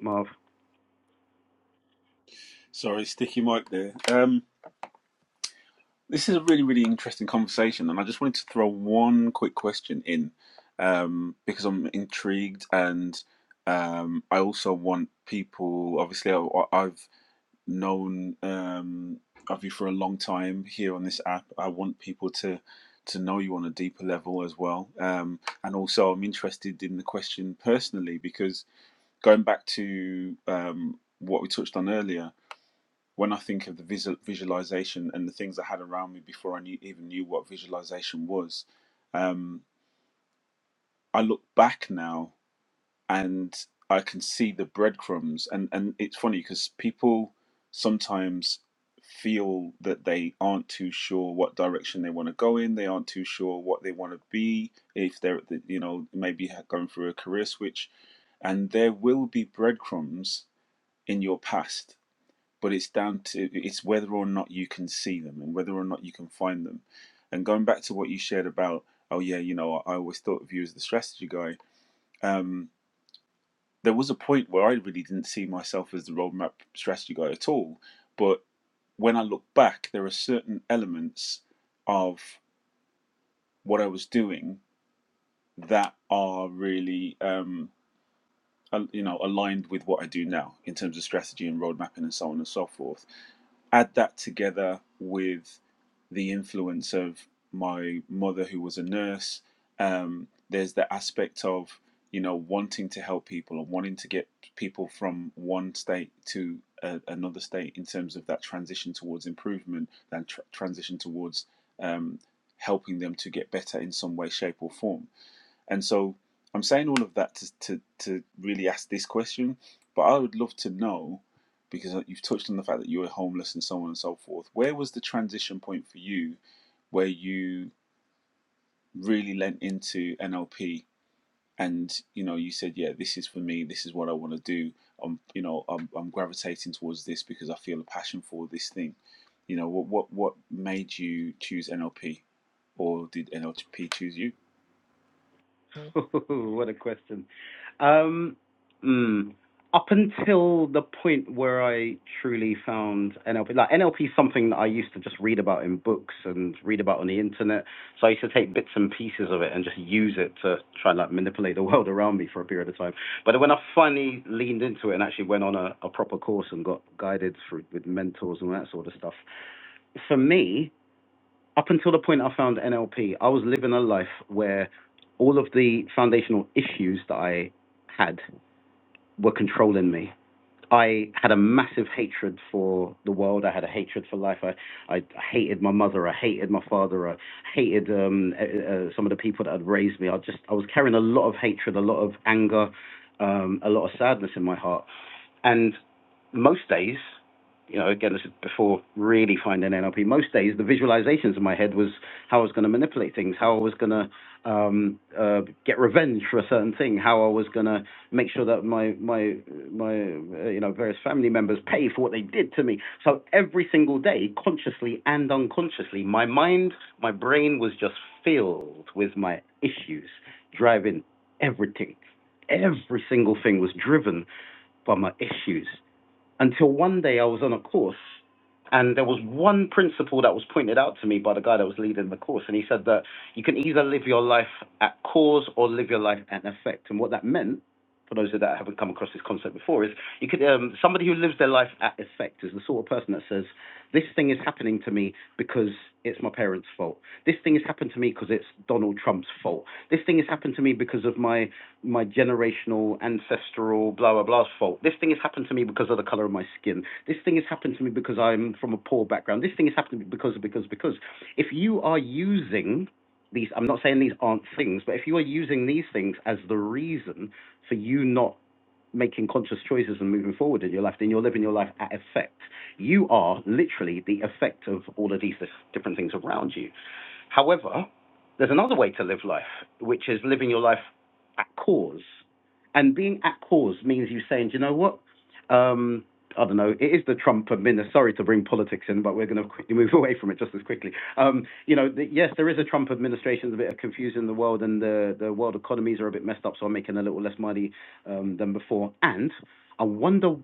Marv. Sorry, sticky mic there. Um, This is a really, really interesting conversation, and I just wanted to throw one quick question in um, because I'm intrigued, and um, I also want people. Obviously, I, I've known um, of you for a long time here on this app. I want people to to know you on a deeper level as well, um, and also I'm interested in the question personally because going back to um, what we touched on earlier when I think of the visual, visualization and the things I had around me before I knew, even knew what visualization was, um, I look back now and I can see the breadcrumbs. And, and it's funny because people sometimes feel that they aren't too sure what direction they want to go in. They aren't too sure what they want to be if they're, you know, maybe going through a career switch. And there will be breadcrumbs in your past but it's down to it's whether or not you can see them and whether or not you can find them and going back to what you shared about oh yeah you know i always thought of you as the strategy guy um, there was a point where i really didn't see myself as the roadmap strategy guy at all but when i look back there are certain elements of what i was doing that are really um, you know aligned with what i do now in terms of strategy and road mapping and so on and so forth add that together with the influence of my mother who was a nurse um, there's the aspect of you know wanting to help people and wanting to get people from one state to a, another state in terms of that transition towards improvement and tr- transition towards um, helping them to get better in some way shape or form and so I'm saying all of that to, to, to really ask this question, but I would love to know because you've touched on the fact that you were homeless and so on and so forth. Where was the transition point for you where you really lent into NLP and you know you said yeah this is for me this is what I want to do I'm you know I'm, I'm gravitating towards this because I feel a passion for this thing you know what what what made you choose NLP or did NLP choose you *laughs* what a question. Um, mm, up until the point where I truly found NLP, like NLP is something that I used to just read about in books and read about on the internet. So I used to take bits and pieces of it and just use it to try and like manipulate the *laughs* world around me for a period of time. But when I finally leaned into it and actually went on a, a proper course and got guided through with mentors and that sort of stuff, for me, up until the point I found NLP, I was living a life where all of the foundational issues that I had were controlling me. I had a massive hatred for the world. I had a hatred for life. I, I hated my mother. I hated my father. I hated um, uh, uh, some of the people that had raised me. I just I was carrying a lot of hatred, a lot of anger, um, a lot of sadness in my heart. And most days, you know, again, this is before really finding NLP. Most days, the visualizations in my head was how I was going to manipulate things, how I was going to um, uh, get revenge for a certain thing, how I was going to make sure that my my my uh, you know various family members pay for what they did to me. So every single day, consciously and unconsciously, my mind, my brain was just filled with my issues, driving everything. Every single thing was driven from my issues until one day I was on a course and there was one principle that was pointed out to me by the guy that was leading the course and he said that you can either live your life at cause or live your life at effect and what that meant for those that haven't come across this concept before is you could um, somebody who lives their life at effect is the sort of person that says this thing is happening to me because it's my parents' fault. This thing has happened to me because it's Donald Trump's fault. This thing has happened to me because of my my generational, ancestral, blah, blah, blah's fault. This thing has happened to me because of the color of my skin. This thing has happened to me because I'm from a poor background. This thing has happened to me because, because, because. If you are using these, I'm not saying these aren't things, but if you are using these things as the reason for you not making conscious choices and moving forward in your life, then you're living your life at effect. You are literally the effect of all of these different things around you. However, there's another way to live life, which is living your life at cause. And being at cause means you saying, "Do you know what? Um, I don't know. It is the Trump administration. Sorry to bring politics in, but we're going to quickly *laughs* move away from it just as quickly. Um, you know, the, yes, there is a Trump administration. There's a bit of confusion in the world, and the the world economies are a bit messed up, so I'm making a little less money um, than before. And I wonder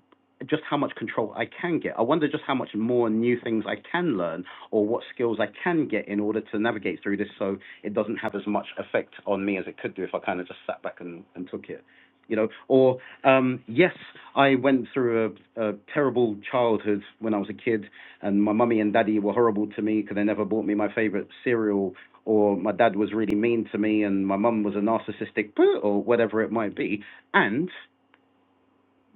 just how much control I can get. I wonder just how much more new things I can learn or what skills I can get in order to navigate through this so it doesn't have as much effect on me as it could do if I kind of just sat back and, and took it. You know, or um, yes, I went through a, a terrible childhood when I was a kid, and my mummy and daddy were horrible to me because they never bought me my favorite cereal, or my dad was really mean to me, and my mum was a narcissistic, *laughs* or whatever it might be. And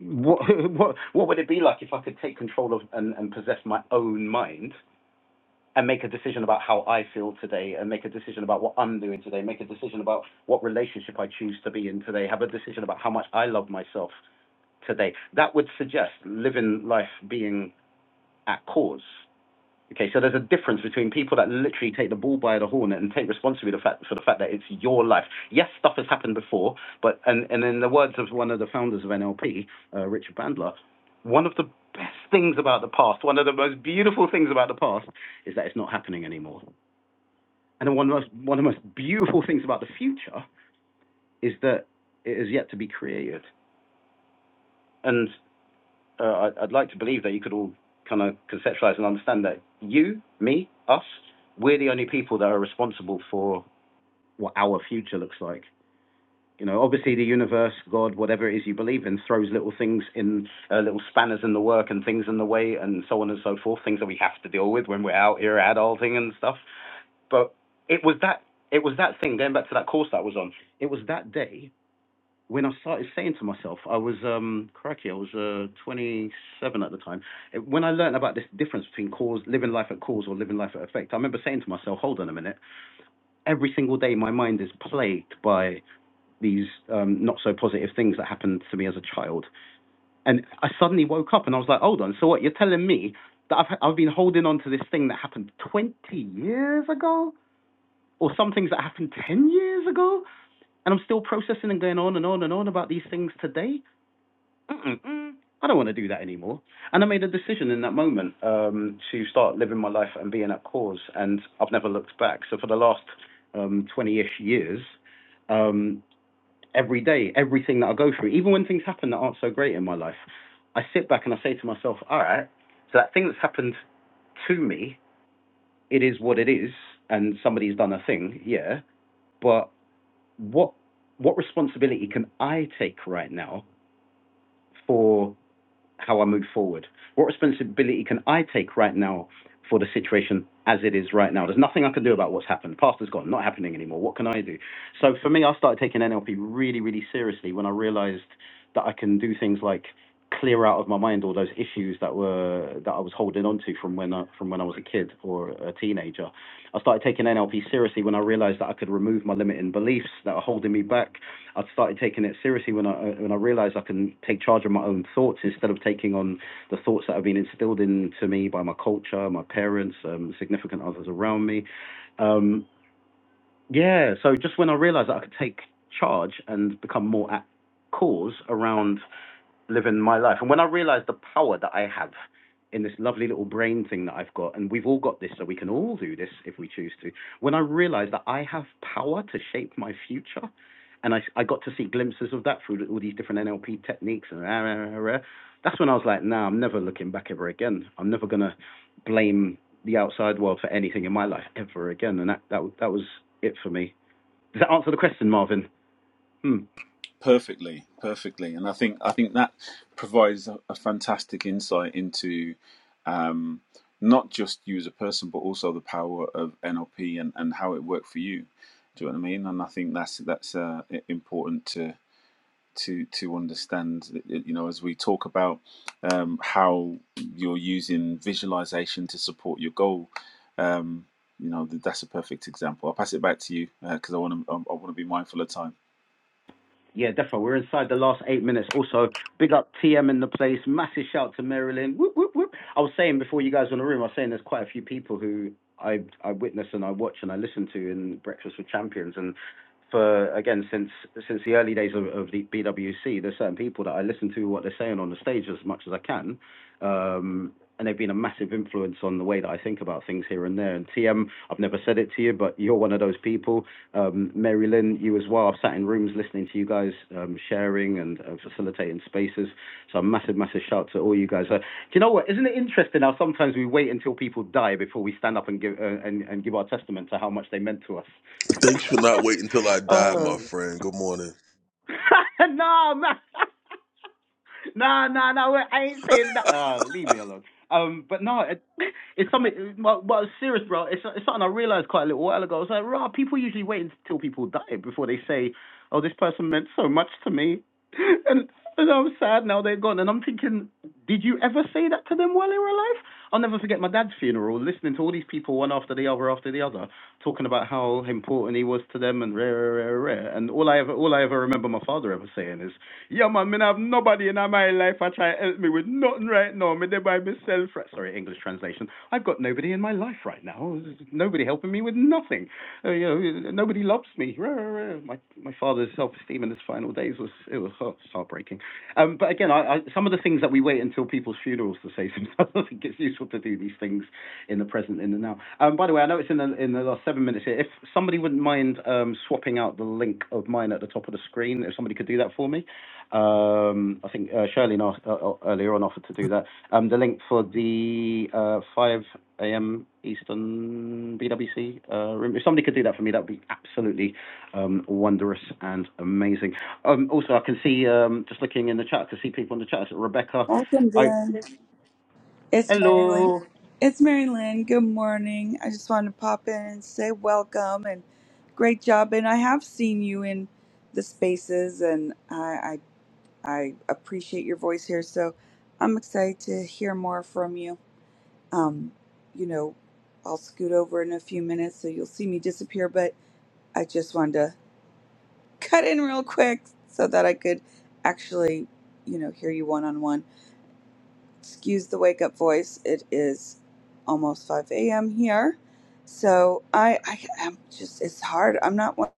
what, *laughs* what what would it be like if I could take control of and, and possess my own mind and make a decision about how I feel today and make a decision about what I'm doing today, make a decision about what relationship I choose to be in today, have a decision about how much I love myself today. That would suggest living life being at cause. Okay, so there's a difference between people that literally take the ball by the horn and take responsibility for the fact, for the fact that it's your life. Yes, stuff has happened before, but and, and in the words of one of the founders of NLP, uh, Richard Bandler, one of the best things about the past, one of the most beautiful things about the past, is that it's not happening anymore. And then one of the most, one of the most beautiful things about the future is that it is yet to be created. And. uh, I- would like to believe that you could all kind of conceptualize and understand that you, me, us, we're the only people that are responsible for what our future looks like. You know, obviously the universe, God, whatever it is you believe in, throws little things in, uh, little spanners in the work and things in the way and so on and so forth, things that we have to deal with when we're out here adulting and stuff. But it was that, it was that thing, going back to that course that I was on, it was that day when I started saying to myself, I was um crikey, I was uh 27 at the time. When I learned about this difference between cause, living life at cause or living life at effect, I remember saying to myself, hold on a minute. Every single day, my mind is plagued by these um, not so positive things that happened to me as a child, and I suddenly woke up and I was like, hold on. So what? You're telling me that I've I've been holding on to this thing that happened 20 years ago, or some things that happened 10 years ago, and I'm still processing and going on and on and on about these things today Mm-mm, mm, I don't want to do that anymore. And I made a decision in that moment um, to start living my life and being at cause, and I've never looked back. So for the last um, 20-ish years, um, every day, everything that I go through, even when things happen that aren't so great in my life, I sit back and I say to myself, all right, so that thing that's happened to me, it is what it is, and somebody's done a thing, yeah, but what what responsibility can I take right now for?" how I move forward? What responsibility can I take right now for the situation as it is right now? There's nothing I can do about what's happened. The Past is gone, not happening anymore. What can I do? So for me, I started taking NLP really, really seriously when I realized that I can do things like clear out of my mind all those issues that were that I was holding on to from when I, from when I was a kid or a teenager. I started taking NLP seriously when I realized that I could remove my limiting beliefs that are holding me back I'd started taking it seriously when I uh, when I realised I can take charge of my own thoughts instead of taking on the thoughts that have been instilled into me by my culture, my parents, um, significant others around me. Um, yeah, so just when I realised that I could take charge and become more at cause around living my life. And when I realized the power that I have in this lovely little brain thing that I've got, and we've all got this, so we can all do this if we choose to. When I realized that I have power to shape my future, and I, I got to see glimpses of that through all these different NLP techniques and rah, rah, rah, rah, that's when I was like, nah, I'm never looking back ever again. I'm never gonna blame the outside world for anything in my life ever again. And that that that was it for me. Does that answer the question, Marvin? Hmm. Perfectly, perfectly, and I think I think that provides a, a fantastic insight into not just you as a person, but also the power of NLP and, and how it worked for you. Do you know what I mean? And I think that's that's uh, important to to to understand. You know, as we talk about um, how you're using visualization to support your goal, um, you know that's a perfect example. I'll pass it back to you because uh, I want to I, I want to be mindful of time. Yeah, definitely. We're inside the last eight minutes. Also, big up TM in the place. Massive shout to Marilyn. Whoop, whoop, whoop. I was saying before you guys were in the room, I was saying there's quite a few people who I I witness and I watch and I listen to in Breakfast with Champions. And for again, since since the early days of, of the BWC, there's certain people that I listen to what they're saying on the stage as much as I can. Um, and they've been a massive influence on the way that I think about things here and there. And TM, I've never said it to you, but you're one of those people um, Mary Lynn, you as well. I've sat in rooms listening to you guys um, sharing and uh, facilitating spaces. So a massive, massive shout to all you guys. Uh, do you know what? Isn't it interesting how sometimes we wait until people die before we stand up and give uh, and, and give our testament to how much they meant to us? *laughs* Thanks for not waiting until I die, my Oh. friend. Good morning. *laughs* no, man. *laughs* no, no, no. I ain't saying that. Uh, leave me alone. Um, but no, it, *laughs* it's something. Well, well, serious, bro. It's it's something I realized quite a little while ago. It's like, rah, people usually wait until people die before they say, "Oh, this person meant so much to me," *laughs* and and I'm sad now they're gone. And I'm thinking, did you ever say that to them while they were alive? I'll never forget my dad's funeral, listening to all these people one after the other after the other, talking about how important he was to them and rare, rare, rare. And all I ever all I ever remember my father ever saying is. Yeah, man, me have nobody in my life I try to help me with nothing right now. Me there by myself. Right, sorry, English translation. I've got nobody in my life right now. Nobody helping me with nothing. Uh, you know, nobody loves me. My my father's self-esteem in his final days was it was heartbreaking. Um, but again, I, I, some of the things that we wait until people's funerals to say. *laughs* Sometimes I think it's useful to do these things in the present, in the now. Um, by the way, I know it's in the in the last seven minutes here. If somebody wouldn't mind um, swapping out the link of mine at the top of the screen, if somebody could do that for me. Um, I think uh, Shirley uh, uh, earlier on offered to do that. Um, the link for the uh, 5 a.m. Eastern BWC uh, room. If somebody could do that for me, that would be absolutely um, wondrous and amazing. Um, also, I can see um, just looking in the chat, I can see people in the chat. So Rebecca, Welcome, I Jen. It's Mary Lynn. hello. It's Mary Lynn. Good morning. I just wanted to pop in and say welcome and great job. And I have seen you in the spaces, and I I, I appreciate your voice here. So I'm excited to hear more from you. Um, you know, I'll scoot over in a few minutes, so you'll see me disappear. But I just wanted to *laughs* cut in real quick so that I could actually, you know, hear you one on one. excuse the wake up voice. It is almost 5 a.m. here, so I, I I'm just it's hard. I'm not one.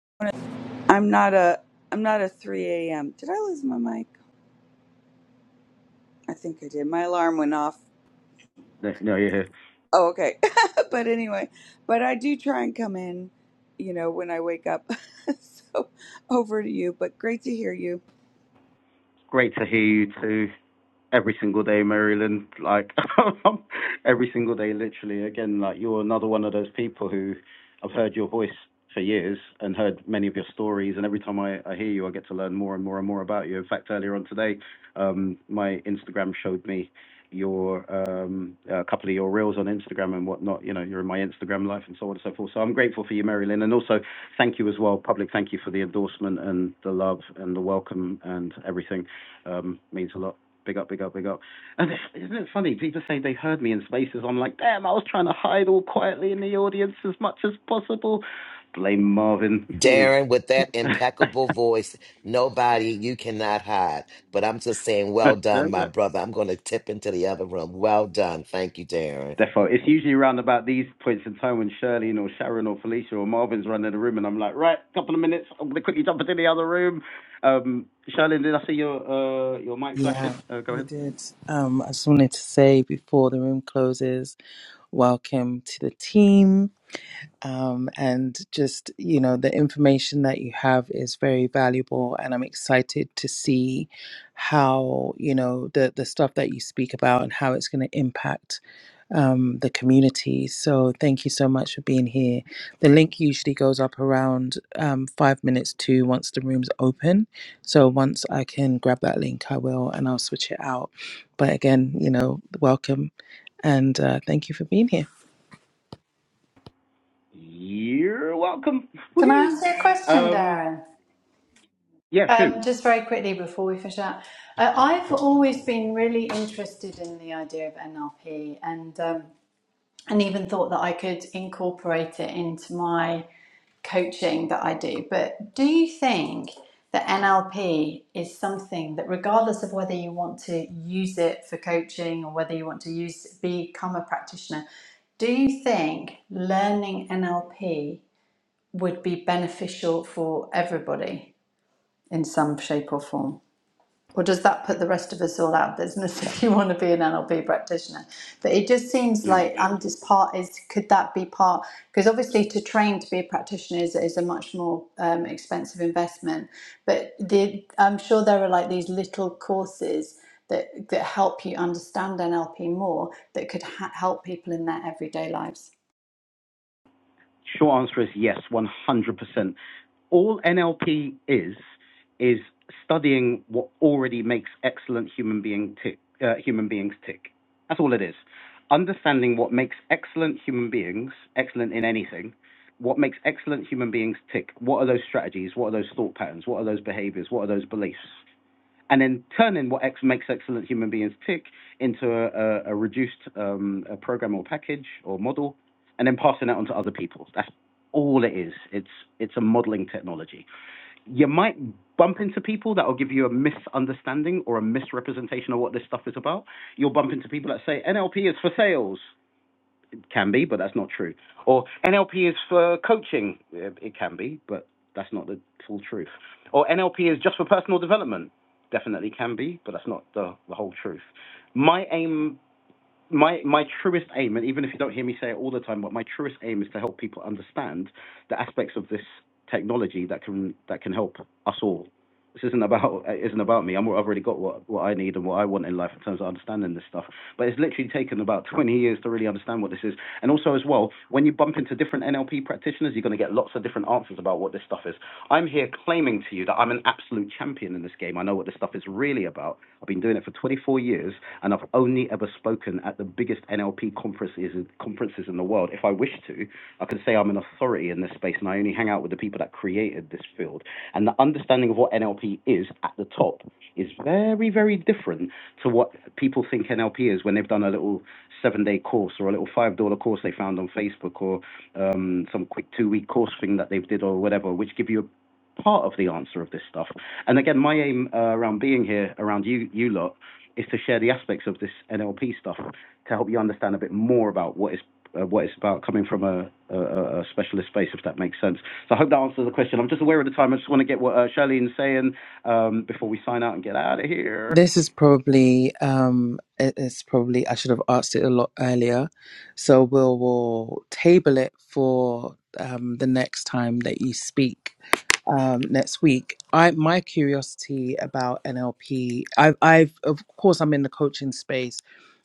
I'm not a I'm not a 3 a.m. Did I lose my mic? I think I did. My alarm went off. No, no, you're here. Oh, okay. *laughs* but anyway, but I do try and come in, you know, when I wake up. *laughs* so over to you. But great to hear you. Great to hear you too. every single day, Marilyn. Like *laughs* every single day, literally. Again, like you're another one of those people who I've heard your voice for years and heard many of your stories. And every time I, I hear you, I get to learn more and more and more about you. In fact, earlier on today, um, my Instagram showed me your um a couple of your reels on Instagram and whatnot. You know, you're in my Instagram life and so on and so forth. So I'm grateful for you, Marilyn, and also thank you as well, public. Thank you for the endorsement and the love and the welcome and everything. Um, means a lot. Big up, big up, big up. And isn't it funny? People say they heard me in spaces. I'm like, damn, I was trying to hide all quietly in the audience as much as possible. Blame Marvin. *laughs* He's Darren, with that impeccable voice, nobody you cannot hide. But I'm just saying, well done, my brother. I'm going to tip into the other room. Well done. Thank you, Darren. Defo. It's usually around about these points in time when Shirley or Sharon or Felicia or Marvin's running the room, and I'm like, right, couple of minutes, I'm gonna quickly jump into the other room. Um, Shirley, did I see your uh, your mic flashing? Yeah, Uh, go you ahead. did. Um, I just wanted to say before the room closes, welcome to the team. um, and just you know the information that you have is very valuable and i'm excited to see how you know the the stuff that you speak about and how it's going to impact um, the community so thank you so much for being here the link usually goes up around um, five minutes to once the room's open so once i can grab that link i will and i'll switch it out but again you know welcome and uh, thank you for being here You're welcome. *laughs* Can I ask Whee! you a question, um, Darren? yeah, shoot. Um, just very quickly before we finish up, uh, I've always been really interested in the idea of NLP and um, and even thought that I could incorporate it into my coaching that I do. But do you think that NLP is something that, regardless of whether you want to use it for coaching or whether you want to use become a practitioner, do you think learning NLP would be beneficial for everybody in some shape or form? or does that put the rest of us all out of business *laughs* if you want to be an NLP practitioner? But it just seems Mm. like and this part is could that be part? Because obviously to train to be a practitioner is, is a much more um, expensive investment. But the, I'm sure there are like these little courses that that help you understand NLP more that could ha- help people in their everyday lives. Short answer is yes, 100%. All NLP is, is studying what already makes excellent human, being tick, uh, human beings tick. That's all it is. Understanding what makes excellent human beings, excellent in anything, what makes excellent human beings tick. What are those strategies? What are those thought patterns? What are those behaviors? What are those beliefs? and then turning what ex- makes excellent human beings tick into a, a, a reduced um, a program or package or model, and then passing that on to other people. That's all it is. It's it's a modeling technology. You might bump into people that will give you a misunderstanding or a misrepresentation of what this stuff is about. You'll bump into people that say NLP is for sales, it can be, but that's not true. Or NLP is for coaching. Yeah, It can be, but that's not the full truth. Or NLP is just for personal development. Definitely can be, but that's not the, the whole truth. My aim my my truest aim, and even if you don't hear me say it all the time, but my truest aim is to help people understand the aspects of this technology that can that can help us all. This isn't about it isn't about me. I'm, I've already got what, what I need and what I want in life in terms of understanding this stuff. But it's literally taken about 20 years to really understand what this is. And also as well, when you bump into different NLP practitioners, you're going to get lots of different answers about what this stuff is. I'm here claiming to you that I'm an absolute champion in this game. I know what this stuff is really about I've been doing it for 24 years, and I've only ever spoken at the biggest NLP conferences conferences in the world. If I wish to, I can say I'm an authority in this space, and I only hang out with the people that created this field. And the understanding of what NLP is at the top is very, very different to what people think NLP is when they've done a little seven-day course or a little five-dollar course they found on Facebook or um, some quick two-week course thing that they've did or whatever, which give you a part of the answer of this stuff, and again, my aim uh, around being here, around you, you lot, is to share the aspects of this NLP stuff to help you understand a bit more about what is uh, what it's about, coming from a, a, a specialist space, if that makes sense. So I hope that answers the question. I'm just aware of the time. I just want to get what uh, Charlene's saying um, before we sign out and get out of here. This is probably um it- it's probably I should have asked it a lot earlier. So we'll we'll table it for um the next time that you speak um next week. I my curiosity about NLP I've I've of course I'm in the coaching space,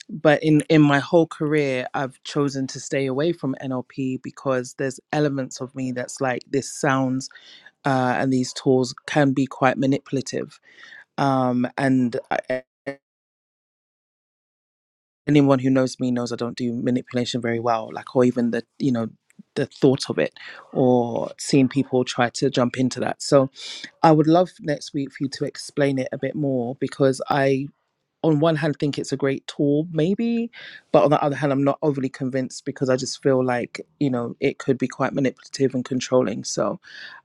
but in in my whole career I've chosen to stay away from NLP because there's elements of me that's like this sounds uh and these tools can be quite manipulative. Um and I anyone who knows me knows I don't do manipulation very well, like or even the you know the thought of it or seeing people try to jump into that. So I would love next week for you to explain it a bit more because I on one hand think it's a great tool maybe but on the other hand I'm not overly convinced because I just feel like you know it could be quite manipulative and controlling so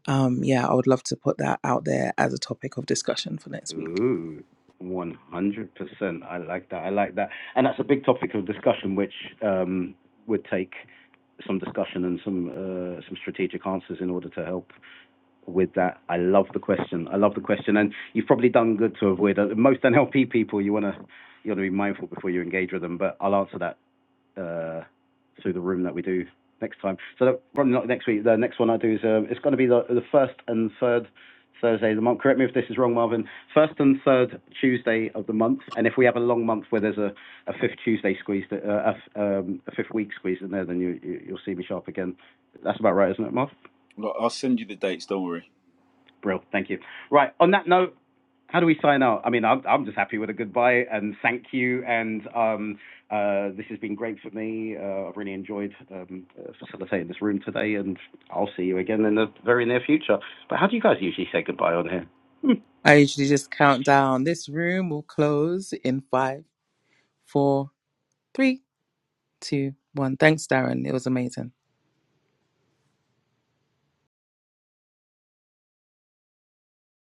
um yeah I would love to put that out there as a topic of discussion for next week Ooh. 100%. I like that. I like that. And that's a big topic of discussion, which um, would take some discussion and some uh, some strategic answers in order to help with that. I love the question. I love the question, and you've probably done good to avoid it. most NLP people. You wanna you wanna be mindful before you engage with them, but I'll answer that uh, through the room that we do next time. So probably not next week. The next one I do is um, it's going to be the, the first and third Thursday of the month. Correct me if this is wrong, Marvin. First and third Tuesday of the month, and if we have a long month where there's a, a fifth Tuesday squeeze, uh, a, f- um, a fifth week squeeze in there, then you, you you'll see me sharp again. That's about right, isn't it, Marv? Look, I'll send you the dates. Don't worry. Brill, thank you. Right, on that note, how do we sign out? I mean, I'm, I'm just happy with a goodbye and thank you. And um, uh, this has been great for me. Uh, I've really enjoyed um, uh, facilitating this room today, and I'll see you again in the very near future. But how do you guys usually say goodbye on here? Hmm. I usually just count down this room will close in five four, three, two, one. Thanks, Darren. It was amazing.